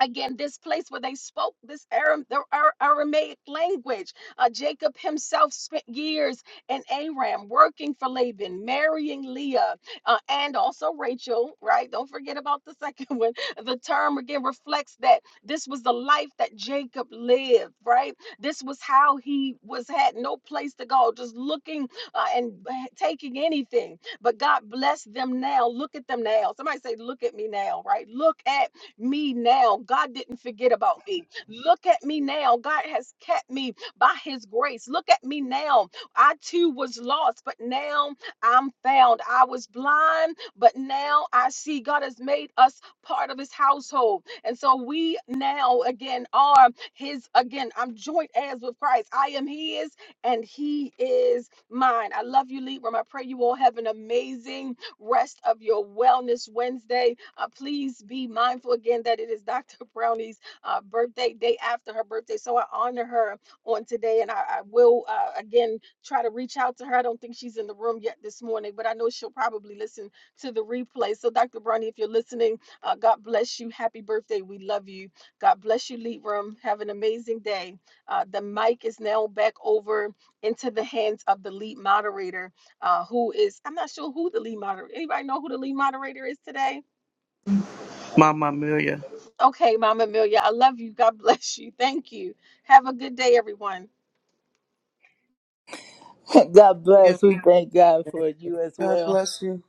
[SPEAKER 4] again this place where they spoke this Aram, the Ar- aramaic language uh, jacob himself spent years in aram working for laban marrying leah uh, and also rachel right don't forget about the second one the term again reflects that this was the life that jacob lived right this was how he was had no place to go just looking uh, and taking anything but god blessed them now look at them now somebody say look at me now right look at me now. God didn't forget about me. Look at me now. God has kept me by his grace. Look at me now. I too was lost, but now I'm found. I was blind, but now I see God has made us part of his household. And so we now again are his again. I'm joint heirs with Christ. I am his and he is mine. I love you, Libra. I pray you all have an amazing rest of your Wellness Wednesday. Uh, please be mindful again that it is Dr. Brownie's uh, birthday, day after her birthday. So I honor her on today, and I, I will uh, again try to reach out to her. I don't think she's in the room yet this morning, but I know she'll probably listen to the replay. So, Dr. Brownie, if you're listening, uh, God bless you. Happy birthday. We love you. God bless you, Lead Room. Have an amazing day. Uh, the mic is now back over into the hands of the lead moderator, uh, who is, I'm not sure who the lead moderator, anybody know who the lead moderator is today?
[SPEAKER 6] Mama Amelia.
[SPEAKER 4] Okay, Mama Amelia, I love you. God bless you. Thank you. Have a good day, everyone.
[SPEAKER 1] God
[SPEAKER 8] give
[SPEAKER 1] bless. We thank God
[SPEAKER 8] this to
[SPEAKER 1] for
[SPEAKER 8] you.
[SPEAKER 1] you as
[SPEAKER 11] God
[SPEAKER 1] well.
[SPEAKER 11] bless you.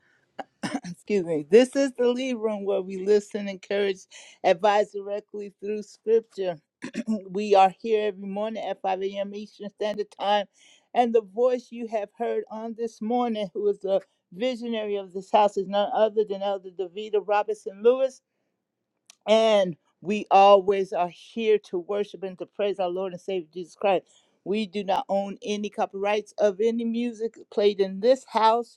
[SPEAKER 1] Excuse me. This is the lead room where we listen, encourage, advise directly through scripture. we are here every morning at 5 a.m. Eastern Standard Time. And the voice you have heard on this morning, who is the visionary of this house, is none other than Elder Davita Robinson Lewis. and we always are here to worship and to praise our Lord and Savior Jesus Christ. We do not own any copyrights of any music played in this house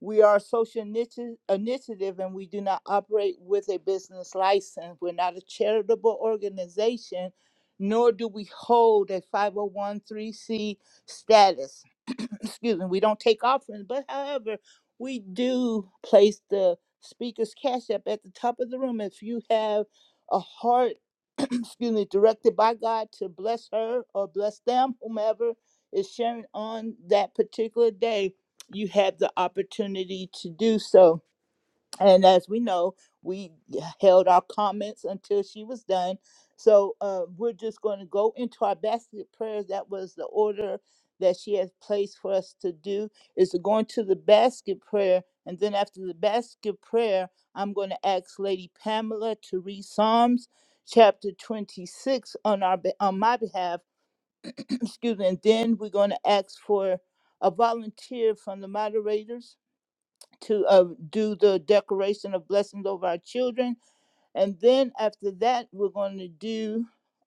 [SPEAKER 1] we are a social initi- initiative and we do not operate with a business license. We're not a charitable organization, nor do we hold a 501c status. Excuse me, we don't take offerings, but however, we do place the speaker's cash up at the top of the room. If you have a heart, excuse me, directed by God to bless her or bless them, whomever is sharing on that particular day you had the opportunity to do so. And as we know, we held our comments until she was done. So uh, we're just going to go into our basket prayers. That was the order that she has placed for us to do is to go into the basket prayer. And then after the basket prayer, I'm going to ask Lady Pamela to read Psalms chapter 26 on our be- on my behalf. Excuse me. And then we're going to ask for a volunteer from the moderators to uh, do the declaration of blessings over our children and then after that, we're going to do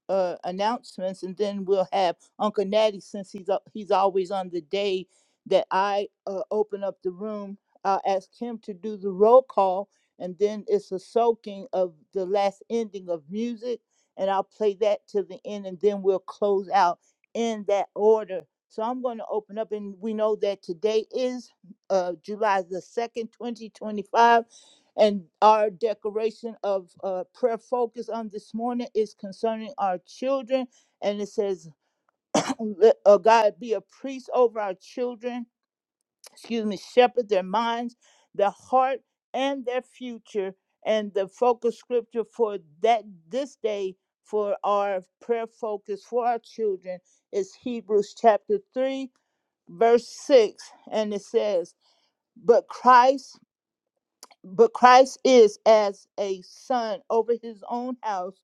[SPEAKER 1] uh, announcements, and then we'll have Uncle Natty since he's al- he's always on the day that I uh, open up the room. I'll ask him to do the roll call, and then it's a soaking of the last ending of music, and I'll play that to the end, and then we'll close out in that order. So I'm going to open up, and we know that today is uh, July the second, 2025 and our declaration of uh, prayer focus on this morning is concerning our children. And it says, Let uh, God be a priest over our children, excuse me, shepherd their minds, their heart, and their future. And the focus scripture for that this day for our prayer focus for our children is Hebrews chapter 3, verse 6. And it says, But Christ but Christ is as a son over his own house,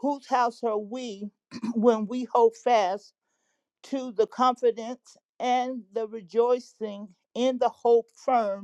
[SPEAKER 1] whose house are we when we hold fast to the confidence and the rejoicing in the hope firm?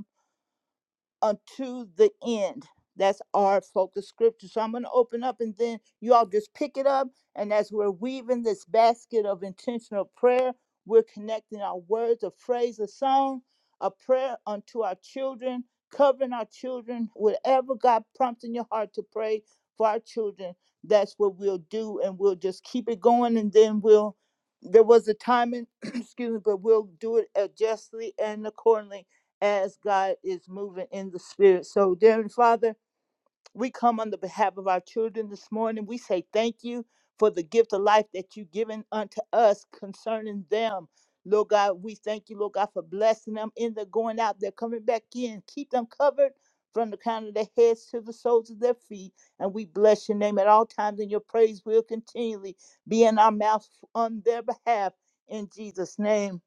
[SPEAKER 1] unto the end. That's our focus scripture. So I'm going to open up and then you all just pick it up. And as we're weaving this basket of intentional prayer, we're connecting our words, a phrase, a song, a prayer unto our children, covering our children, whatever God prompts in your heart to pray for our children. That's what we'll do. And we'll just keep it going. And then we'll, there was a timing, excuse me, but we'll do it uh, justly and accordingly as God is moving in the spirit. So, dear Father, we come on the behalf of our children this morning. We say thank you for the gift of life that you've given unto us concerning them. Lord God, we thank you, Lord God, for blessing them in their going out, they're coming back in. Keep them covered from the crown of their heads to the soles of their feet. And we bless your name at all times, and your praise will continually be in our mouth on their behalf. In Jesus' name.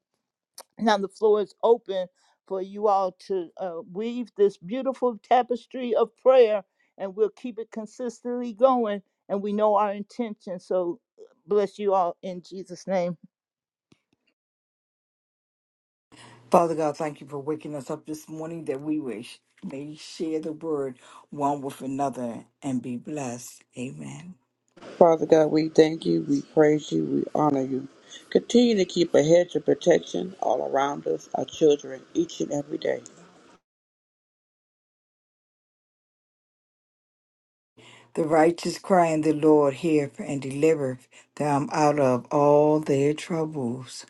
[SPEAKER 1] Now the floor is open for you all to uh, weave this beautiful tapestry of prayer, and we'll keep it consistently going. And we know our intention. So uh, bless you all in Jesus' name.
[SPEAKER 5] Father God, thank you for waking us up this morning that we wish may share the word one with another and be blessed. Amen.
[SPEAKER 6] Father God, we thank you, we praise you, we honor you. Continue to keep a hedge of protection all around us, our children, each and every day.
[SPEAKER 5] The righteous cry, and the Lord heareth and delivereth them out of all their troubles.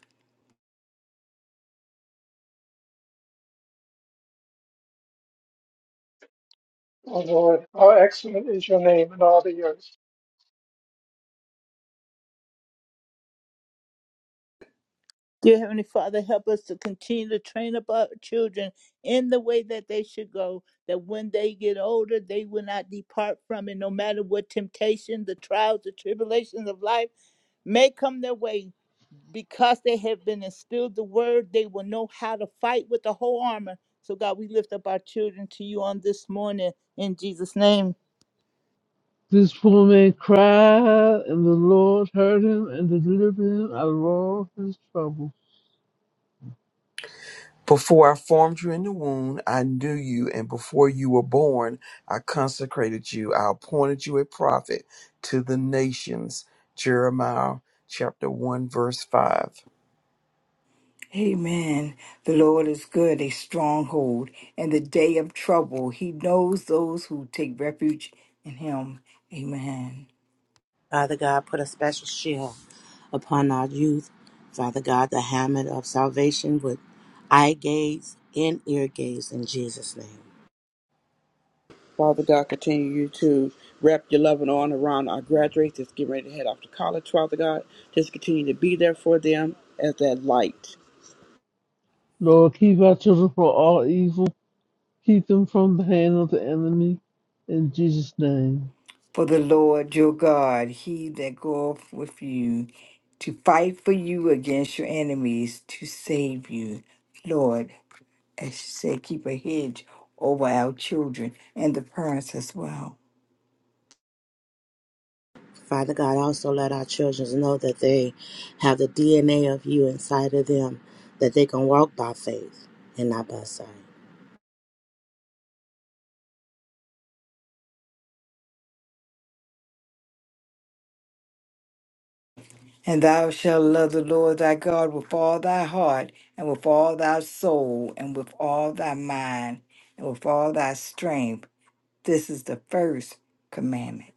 [SPEAKER 12] O Lord, how excellent is your name in all the earth.
[SPEAKER 1] Dear Heavenly Father, help us to continue to train up our children in the way that they should go, that when they get older, they will not depart from it, no matter what temptation, the trials, the tribulations of life may come their way. because they have been instilled the word, they will know how to fight with the whole armor. So, God, we lift up our children to you on this morning in Jesus' name.
[SPEAKER 7] This poor man cried, and the Lord heard him and delivered him out of all his troubles.
[SPEAKER 3] Before I formed you in the womb, I knew you, and before you were born, I consecrated you. I appointed you a prophet to the nations. Jeremiah chapter 1, verse 5.
[SPEAKER 5] Amen. The Lord is good, a stronghold. In the day of trouble, he knows those who take refuge in him. Amen.
[SPEAKER 8] Father God, put a special shield upon our youth. Father God, the helmet of salvation with eye gaze and ear gaze in Jesus' name.
[SPEAKER 6] Father God, continue you to wrap your loving arm around our graduates that's getting ready to head off to college, Father God. Just continue to be there for them as that light.
[SPEAKER 7] Lord, keep our children from all evil. Keep them from the hand of the enemy. In Jesus' name.
[SPEAKER 5] For the Lord your God, he that goeth with you to fight for you against your enemies, to save you. Lord, as you said, keep a hedge over our children and the parents as well.
[SPEAKER 8] Father God, also let our children know that they have the DNA of you inside of them, that they can walk by faith and not by sight.
[SPEAKER 5] And thou shalt love the Lord thy God with all thy heart, and with all thy soul, and with all thy mind, and with all thy strength. This is the first commandment.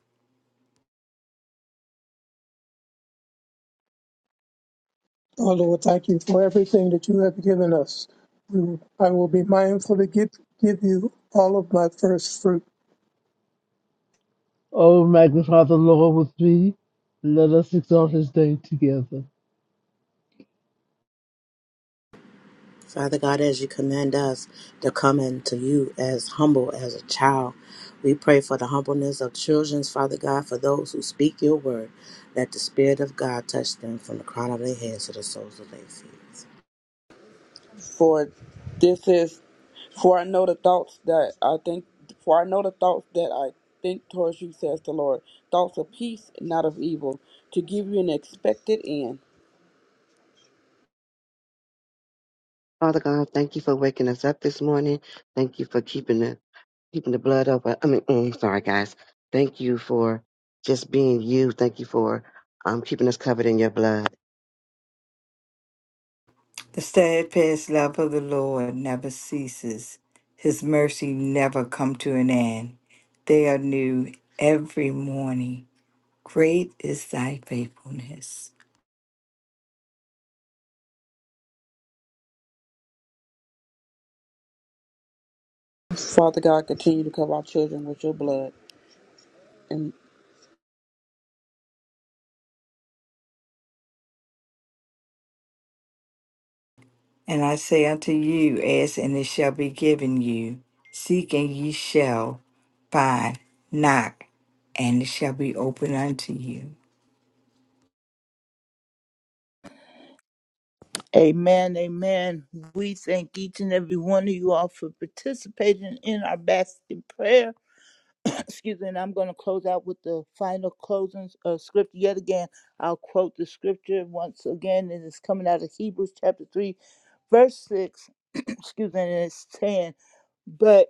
[SPEAKER 12] Oh Lord, thank you for everything that you have given us. We will, I will be mindful to give, give you all of my first fruit.
[SPEAKER 7] Oh, magnify the Lord with me. Let us exalt his name together.
[SPEAKER 8] Father God, as you command us to come into you as humble as a child, we pray for the humbleness of children, Father God, for those who speak your word. Let the Spirit of God touch them from the crown of their heads to the soles of their feet.
[SPEAKER 6] For this is, for I know the thoughts that I think, for I know the thoughts that I think towards you, says the Lord. Thoughts of peace, not of evil, to give you an expected end.
[SPEAKER 13] Father God, thank you for waking us up this morning. Thank you for keeping the keeping the blood over. I mean, mm, sorry guys. Thank you for just being you. Thank you for um keeping us covered in your blood.
[SPEAKER 5] The steadfast love of the Lord never ceases, his mercy never come to an end. They are new every morning. Great is thy faithfulness.
[SPEAKER 6] Father God, continue to cover our children with your blood. And
[SPEAKER 5] And I say unto you, ask and it shall be given you. Seek and ye shall find. Knock and it shall be opened unto you.
[SPEAKER 1] Amen. Amen. We thank each and every one of you all for participating in our basket prayer. Excuse me. And I'm going to close out with the final closing uh, scripture yet again. I'll quote the scripture once again. It is coming out of Hebrews chapter 3, verse 6. Excuse me. And it's saying, But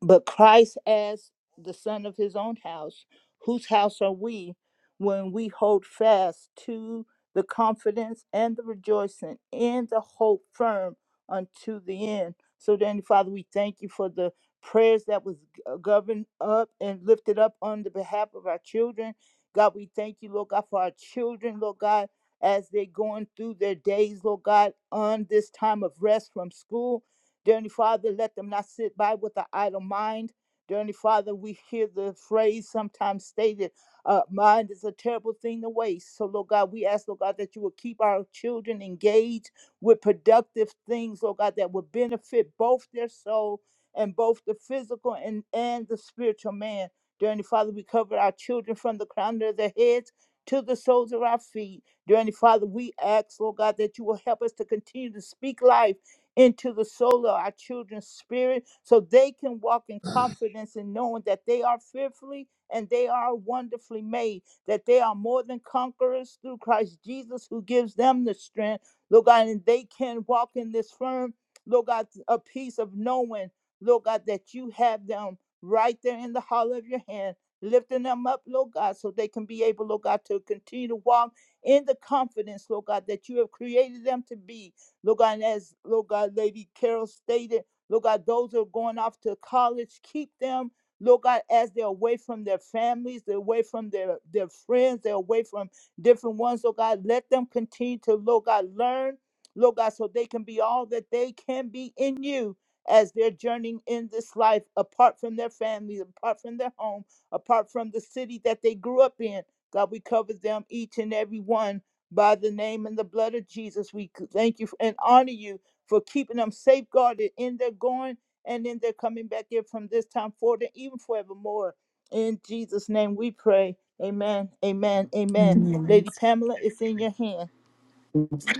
[SPEAKER 1] But Christ as the son of his own house, whose house are we when we hold fast to the confidence and the rejoicing and the hope firm unto the end. So then, Father, we thank you for the prayers that was uh, governed up and lifted up on the behalf of our children. God, we thank you, Lord God, for our children, Lord God, as they're going through their days, Lord God, on this time of rest from school. Dear Heavenly Father, let them not sit by with an idle mind. Dear Heavenly Father, we hear the phrase sometimes stated, uh, mind is a terrible thing to waste. So, Lord God, we ask, Lord God, that you will keep our children engaged with productive things, Lord God, that will benefit both their soul and both the physical and, and the spiritual man. Dear Heavenly Father, we cover our children from the crown of their heads to the soles of our feet. Dear Heavenly Father, we ask, Lord God, that you will help us to continue to speak life into the soul of our children's spirit so they can walk in confidence in knowing that they are fearfully and they are wonderfully made, that they are more than conquerors through Christ Jesus who gives them the strength, Lord God, and they can walk in this firm, Lord God, a piece of knowing, Lord God, that you have them right there in the hollow of your hand. Lifting them up, Lord God, so they can be able, Lord God, to continue to walk in the confidence, Lord God, that you have created them to be Lord God, and as Lord God, Lady Carol stated, Lord God, those who are going off to college, keep them. Lord God, as they're away from their families, they're away from their, their friends, they're away from different ones. Lord God, let them continue to, Lord God, learn, Lord God, so they can be all that they can be in you as they're journeying in this life, apart from their families, apart from their home, apart from the city that they grew up in. God, we cover them each and every one by the name and the blood of Jesus. We thank you and honor you for keeping them safeguarded in their going and in their coming back here from this time forward and even forevermore. In Jesus' name we pray. Amen. Amen. Amen.
[SPEAKER 5] Mm.
[SPEAKER 1] Lady Pamela, it's in your hand.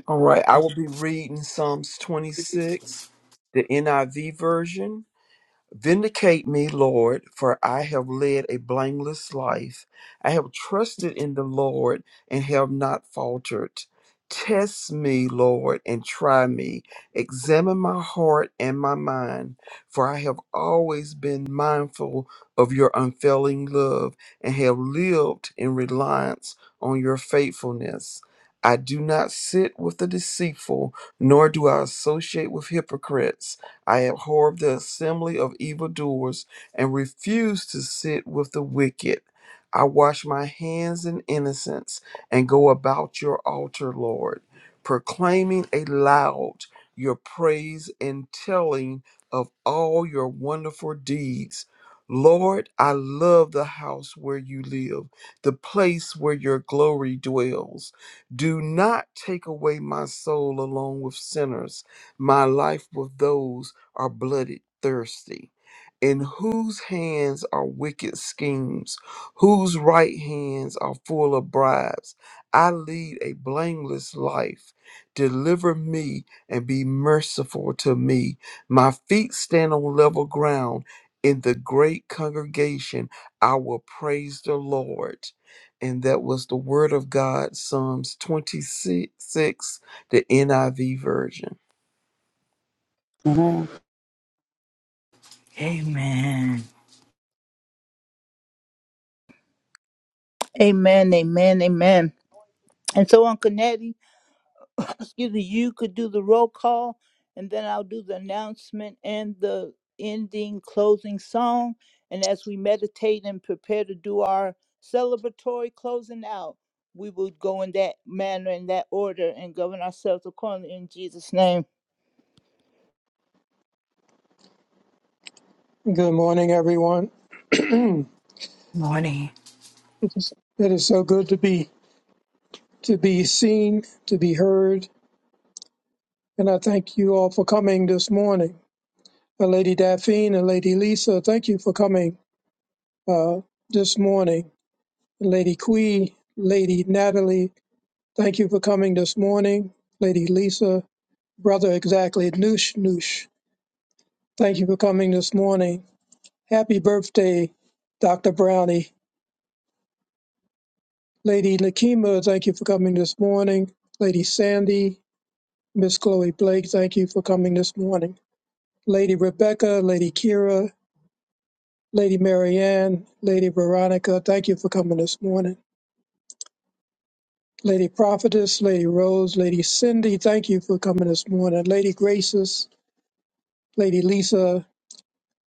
[SPEAKER 3] All right, I will be reading Psalms 26, the NIV version. Vindicate me, Lord, for I have led a blameless life. I have trusted in the Lord and have not faltered. Test me, Lord, and try me. Examine my heart and my mind, for I have always been mindful of your unfailing love and have lived in reliance on your faithfulness. I do not sit with the deceitful, nor do I associate with hypocrites. I abhor the assembly of evildoers and refuse to sit with the wicked. I wash my hands in innocence and go about your altar, Lord, proclaiming aloud your praise and telling of all your wonderful deeds. Lord, I love the house where you live, the place where your glory dwells. Do not take away my soul along with sinners, my life with those are blooded thirsty? In whose hands are wicked schemes? Whose right hands are full of bribes? I lead a blameless life. Deliver me and be merciful to me. My feet stand on level ground. In the great congregation, I will praise the Lord. And that was the word of God, Psalms 26, the NIV version.
[SPEAKER 6] Mhm.
[SPEAKER 5] Amen.
[SPEAKER 1] Amen. Amen. Amen. And so, Uncle Nettie, excuse me, you could do the roll call, and then I'll do the announcement and the ending closing song. And as we meditate and prepare to do our celebratory closing out, we will go in that manner, in that order, and govern ourselves accordingly in Jesus' name.
[SPEAKER 12] Good morning, everyone.
[SPEAKER 5] Morning.
[SPEAKER 12] It is, it is so good to be to be seen, to be heard, and I thank you all for coming this morning. Uh, Lady Daphne and Lady Lisa, thank you for coming uh, this morning. Lady Quee, Lady Natalie, thank you for coming this morning. Lady Lisa, Brother, exactly. Noosh, noosh. Thank you for coming this morning. Happy birthday, Dr. Brownie. Lady Nakima, thank you for coming this morning. Lady Sandy, Miss Chloe Blake, thank you for coming this morning. Lady Rebecca, Lady Kira, Lady Marianne, Lady Veronica, thank you for coming this morning. Lady Prophetess, Lady Rose, Lady Cindy, thank you for coming this morning. Lady Graces, Lady Lisa,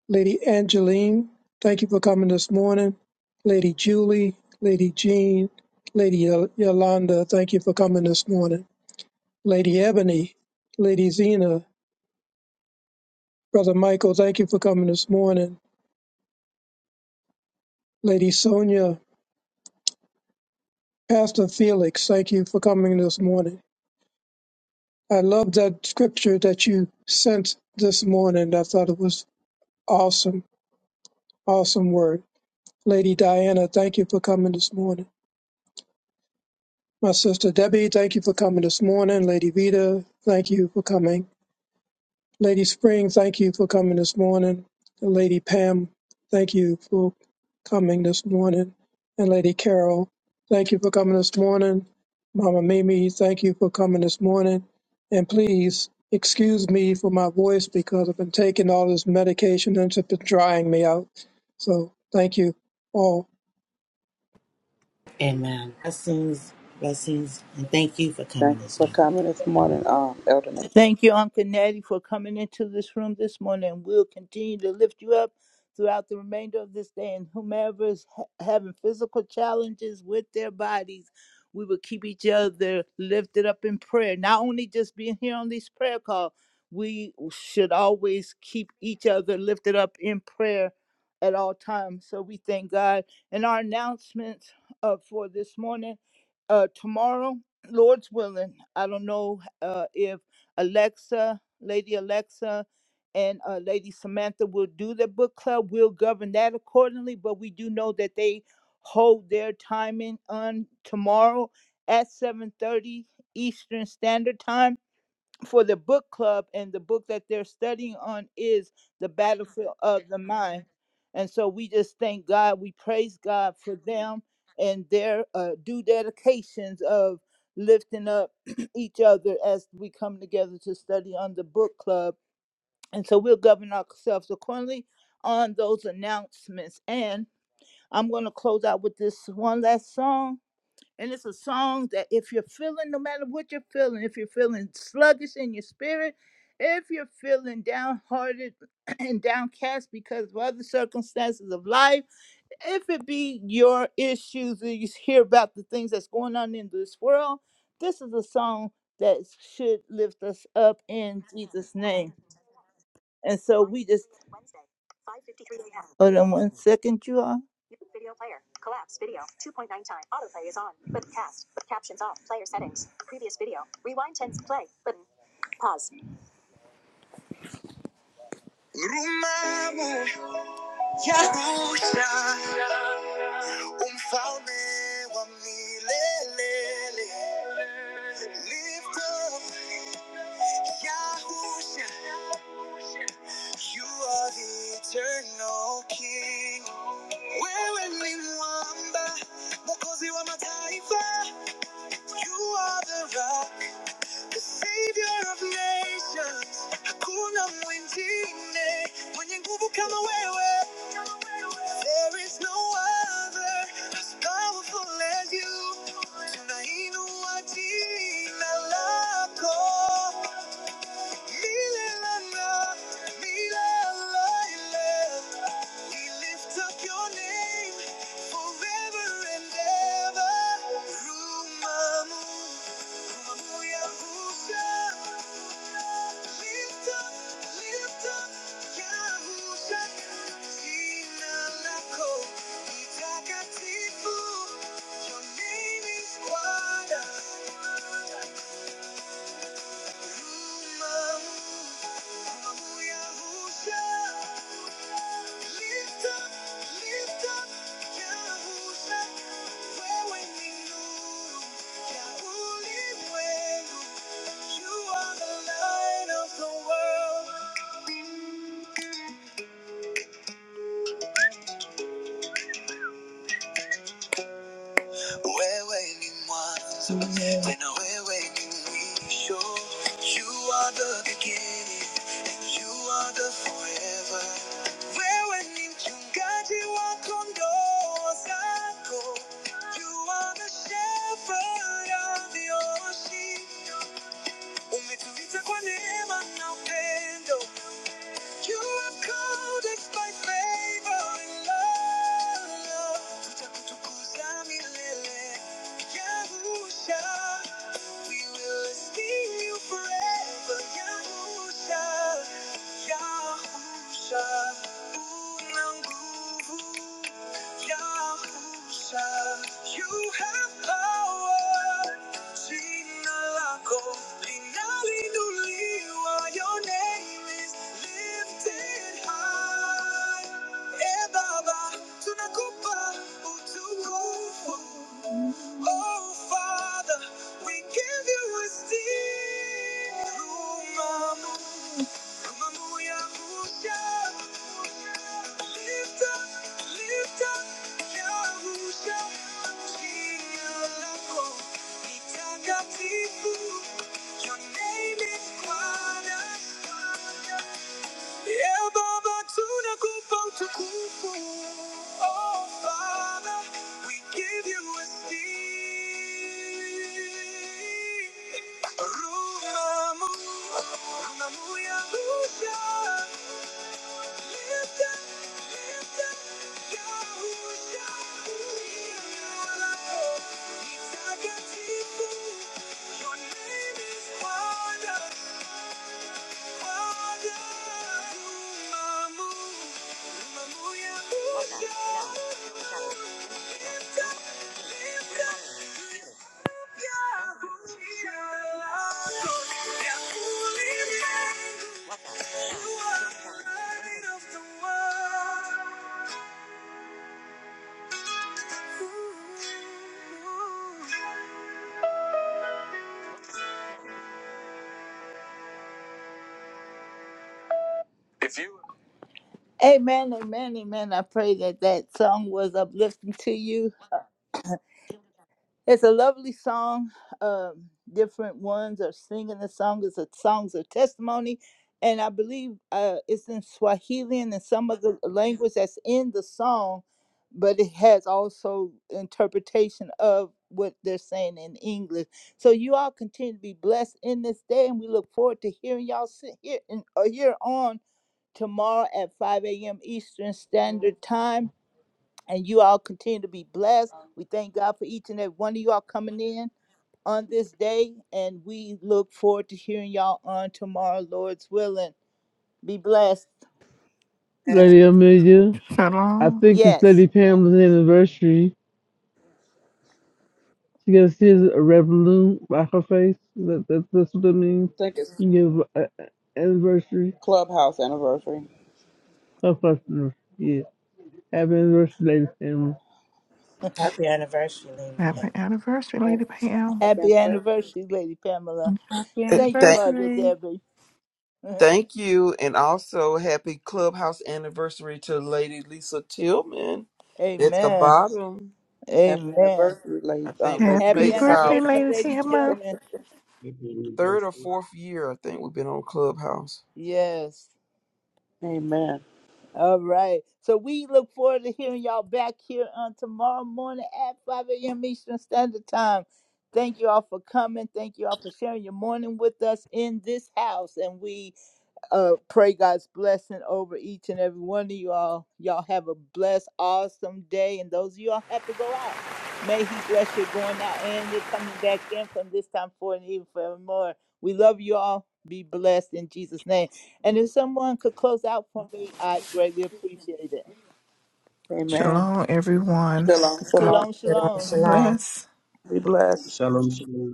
[SPEAKER 12] Lady Angeline, thank you for coming this morning. Lady Julie, Lady Jean, Lady Yo- Yolanda, thank you for coming this morning. Lady Ebony, Lady Zena, Brother Michael, thank you for coming this morning. Lady Sonia, Pastor Felix, thank you for coming this morning. I love that scripture that you sent this morning. I thought it was awesome, awesome word. Lady Diana, thank you for coming this morning. My sister Debbie, thank you for coming this morning. Lady Vita, thank you for coming. Lady Spring, thank you for coming this morning. And Lady Pam, thank you for coming this morning. And Lady Carol, thank you for coming this morning. Mama Mimi, thank you for coming this morning. And please excuse me for my voice because I've been taking all this medication and it's been drying me out. So thank you all
[SPEAKER 8] Amen. Blessings, blessings, and thank you for coming
[SPEAKER 6] thank you
[SPEAKER 8] this
[SPEAKER 6] for
[SPEAKER 8] morning.
[SPEAKER 6] coming this morning, um, Elder Nate.
[SPEAKER 1] Thank you, Uncle Natty, for coming into this room this morning. We'll continue to lift you up throughout the remainder of this day. And whomever is ha- having physical challenges with their bodies, we will keep each other lifted up in prayer. Not only just being here on this prayer call, we should always keep each other lifted up in prayer at all times. So we thank God. And our announcements uh, for this morning, uh, tomorrow, Lord's willing, I don't know uh, if. Alexa, Lady Alexa, and uh, Lady Samantha will do the book club. We'll govern that accordingly, but we do know that they hold their timing on tomorrow at 7:30 Eastern Standard Time for the book club and the book that they're studying on is the battlefield of the mind and so we just thank god we praise god for them and their uh, due dedications of lifting up each other as we come together to study on the book club and so we'll govern ourselves accordingly on those announcements and i'm going to close out with this one last song and it's a song that if you're feeling, no matter what you're feeling, if you're feeling sluggish in your spirit, if you're feeling downhearted and downcast because of other circumstances of life, if it be your issues that you hear about the things that's going on in this world, this is a song that should lift us up in Jesus' name. And so we just hold on one second, you all. Rumamo, Yahusha. Mfalme wa milele, lifter Yahusha, you are the eternal King. Wewe ni mwamba, mwokozi wa mataifa, you are the right the savior of nations, hakuna mwingine mwenye nguvu kama wewe. There is no other as powerful as you. Tunainua jina lako milele na milele. We lift up your name forever and ever. Rumamu. Your name is water. You are the light of the world. Wewe ni mwanzo tena wewe ni mwisho. You are the beginning and you are the forever. Wewe ni mchungaji wa kondoo zako. You are the shepherd of your sheep. Umetuita kwa neema na upendo. You are cold as my favorite love. Utakutukuza milele, Yahusha. We will esteem you forever, Yahusha, Yahusha. Una nguvu, Yahusha. You have power. Chinalako, Linalinuliwa, Your high. Eh, Baba, tunakupa utukufu. Oh, Father, we give you esteem. Lift up, lift up, ya Musha. Chinalako. Takatifu, your name is wonderful. Yeah, Baba, tuna kupo tukufu. Oh, Father, we give you esteem. Runamu, runamu ya Musa. Lift up, lift up, Yahusha. Mtakatifu, your name is wonderful. Amen, amen, amen. I pray that that song was uplifting to you. It's a lovely song. Um, different ones are singing the song. It's a songs of testimony, and I believe uh, it's in Swahili and in some of the language that's in the song, but it has also interpretation of what they're saying in English. So you all continue to be blessed in this day, and we look forward to hearing y'all sit here and uh, here on tomorrow at 5 a.m. Eastern Standard Time and you all continue to be blessed. We thank God for each and every one of you all coming in on this day, and we look forward to hearing y'all on tomorrow, Lord's willing. Be blessed.
[SPEAKER 6] And I
[SPEAKER 7] Lady Amelia, I
[SPEAKER 9] Shalom.
[SPEAKER 7] think it's Lady
[SPEAKER 1] Yes.
[SPEAKER 7] Pamela's anniversary. She gotta see his red balloon by her face. That, that that's what that means.
[SPEAKER 6] think it's
[SPEAKER 7] You give uh, anniversary.
[SPEAKER 6] Clubhouse anniversary.
[SPEAKER 7] Her customer. Yeah. Happy anniversary, ladies and
[SPEAKER 8] Happy anniversary, Lady
[SPEAKER 9] Happy
[SPEAKER 8] Pat.
[SPEAKER 9] anniversary, Lady
[SPEAKER 6] Happy
[SPEAKER 9] Pam.
[SPEAKER 1] Happy
[SPEAKER 6] anniversary.
[SPEAKER 1] anniversary, Lady Pamela.
[SPEAKER 11] Happy
[SPEAKER 1] Thank you, Mother
[SPEAKER 11] anniversary.
[SPEAKER 1] Debbie.
[SPEAKER 3] Thank you, and also happy clubhouse anniversary to Lady Lisa Tillman at the
[SPEAKER 1] Amen.
[SPEAKER 3] bottom.
[SPEAKER 6] Happy
[SPEAKER 1] Amen.
[SPEAKER 6] anniversary,
[SPEAKER 3] I
[SPEAKER 6] Lady, um,
[SPEAKER 3] think
[SPEAKER 6] Lady
[SPEAKER 9] Happy
[SPEAKER 1] Happy
[SPEAKER 6] Lisa.
[SPEAKER 3] makes
[SPEAKER 8] Happy
[SPEAKER 9] birthday,
[SPEAKER 3] our
[SPEAKER 1] anniversary,
[SPEAKER 9] Lady
[SPEAKER 8] anniversary.
[SPEAKER 1] Lady
[SPEAKER 9] Tamma.
[SPEAKER 1] Tillman.
[SPEAKER 3] third or fourth year. I think we've been on Clubhouse.
[SPEAKER 1] Yes.
[SPEAKER 6] Amen.
[SPEAKER 1] All right. So we look forward to hearing y'all back here on tomorrow morning at 5 a.m. Eastern Standard Time. Thank you all for coming. Thank you all for sharing your morning with us in this house. And we uh pray God's blessing over each and every one of you all. Y'all have a blessed, awesome day. And those of you all have to go out. May He bless your going out and you're coming back in from this time forward and even forevermore. We love you all. Be blessed in Jesus' name. And if someone could close out for me, I'd greatly appreciate it.
[SPEAKER 6] Amen.
[SPEAKER 9] Shalom, everyone.
[SPEAKER 6] Shalom,
[SPEAKER 9] God,
[SPEAKER 6] shalom.
[SPEAKER 1] Shalom,
[SPEAKER 8] Shalom,
[SPEAKER 1] shalom.
[SPEAKER 9] God
[SPEAKER 8] shalom.
[SPEAKER 9] bless.
[SPEAKER 6] Be blessed.
[SPEAKER 14] Shalom, shalom.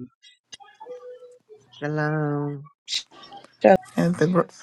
[SPEAKER 13] Shalom.
[SPEAKER 9] And the,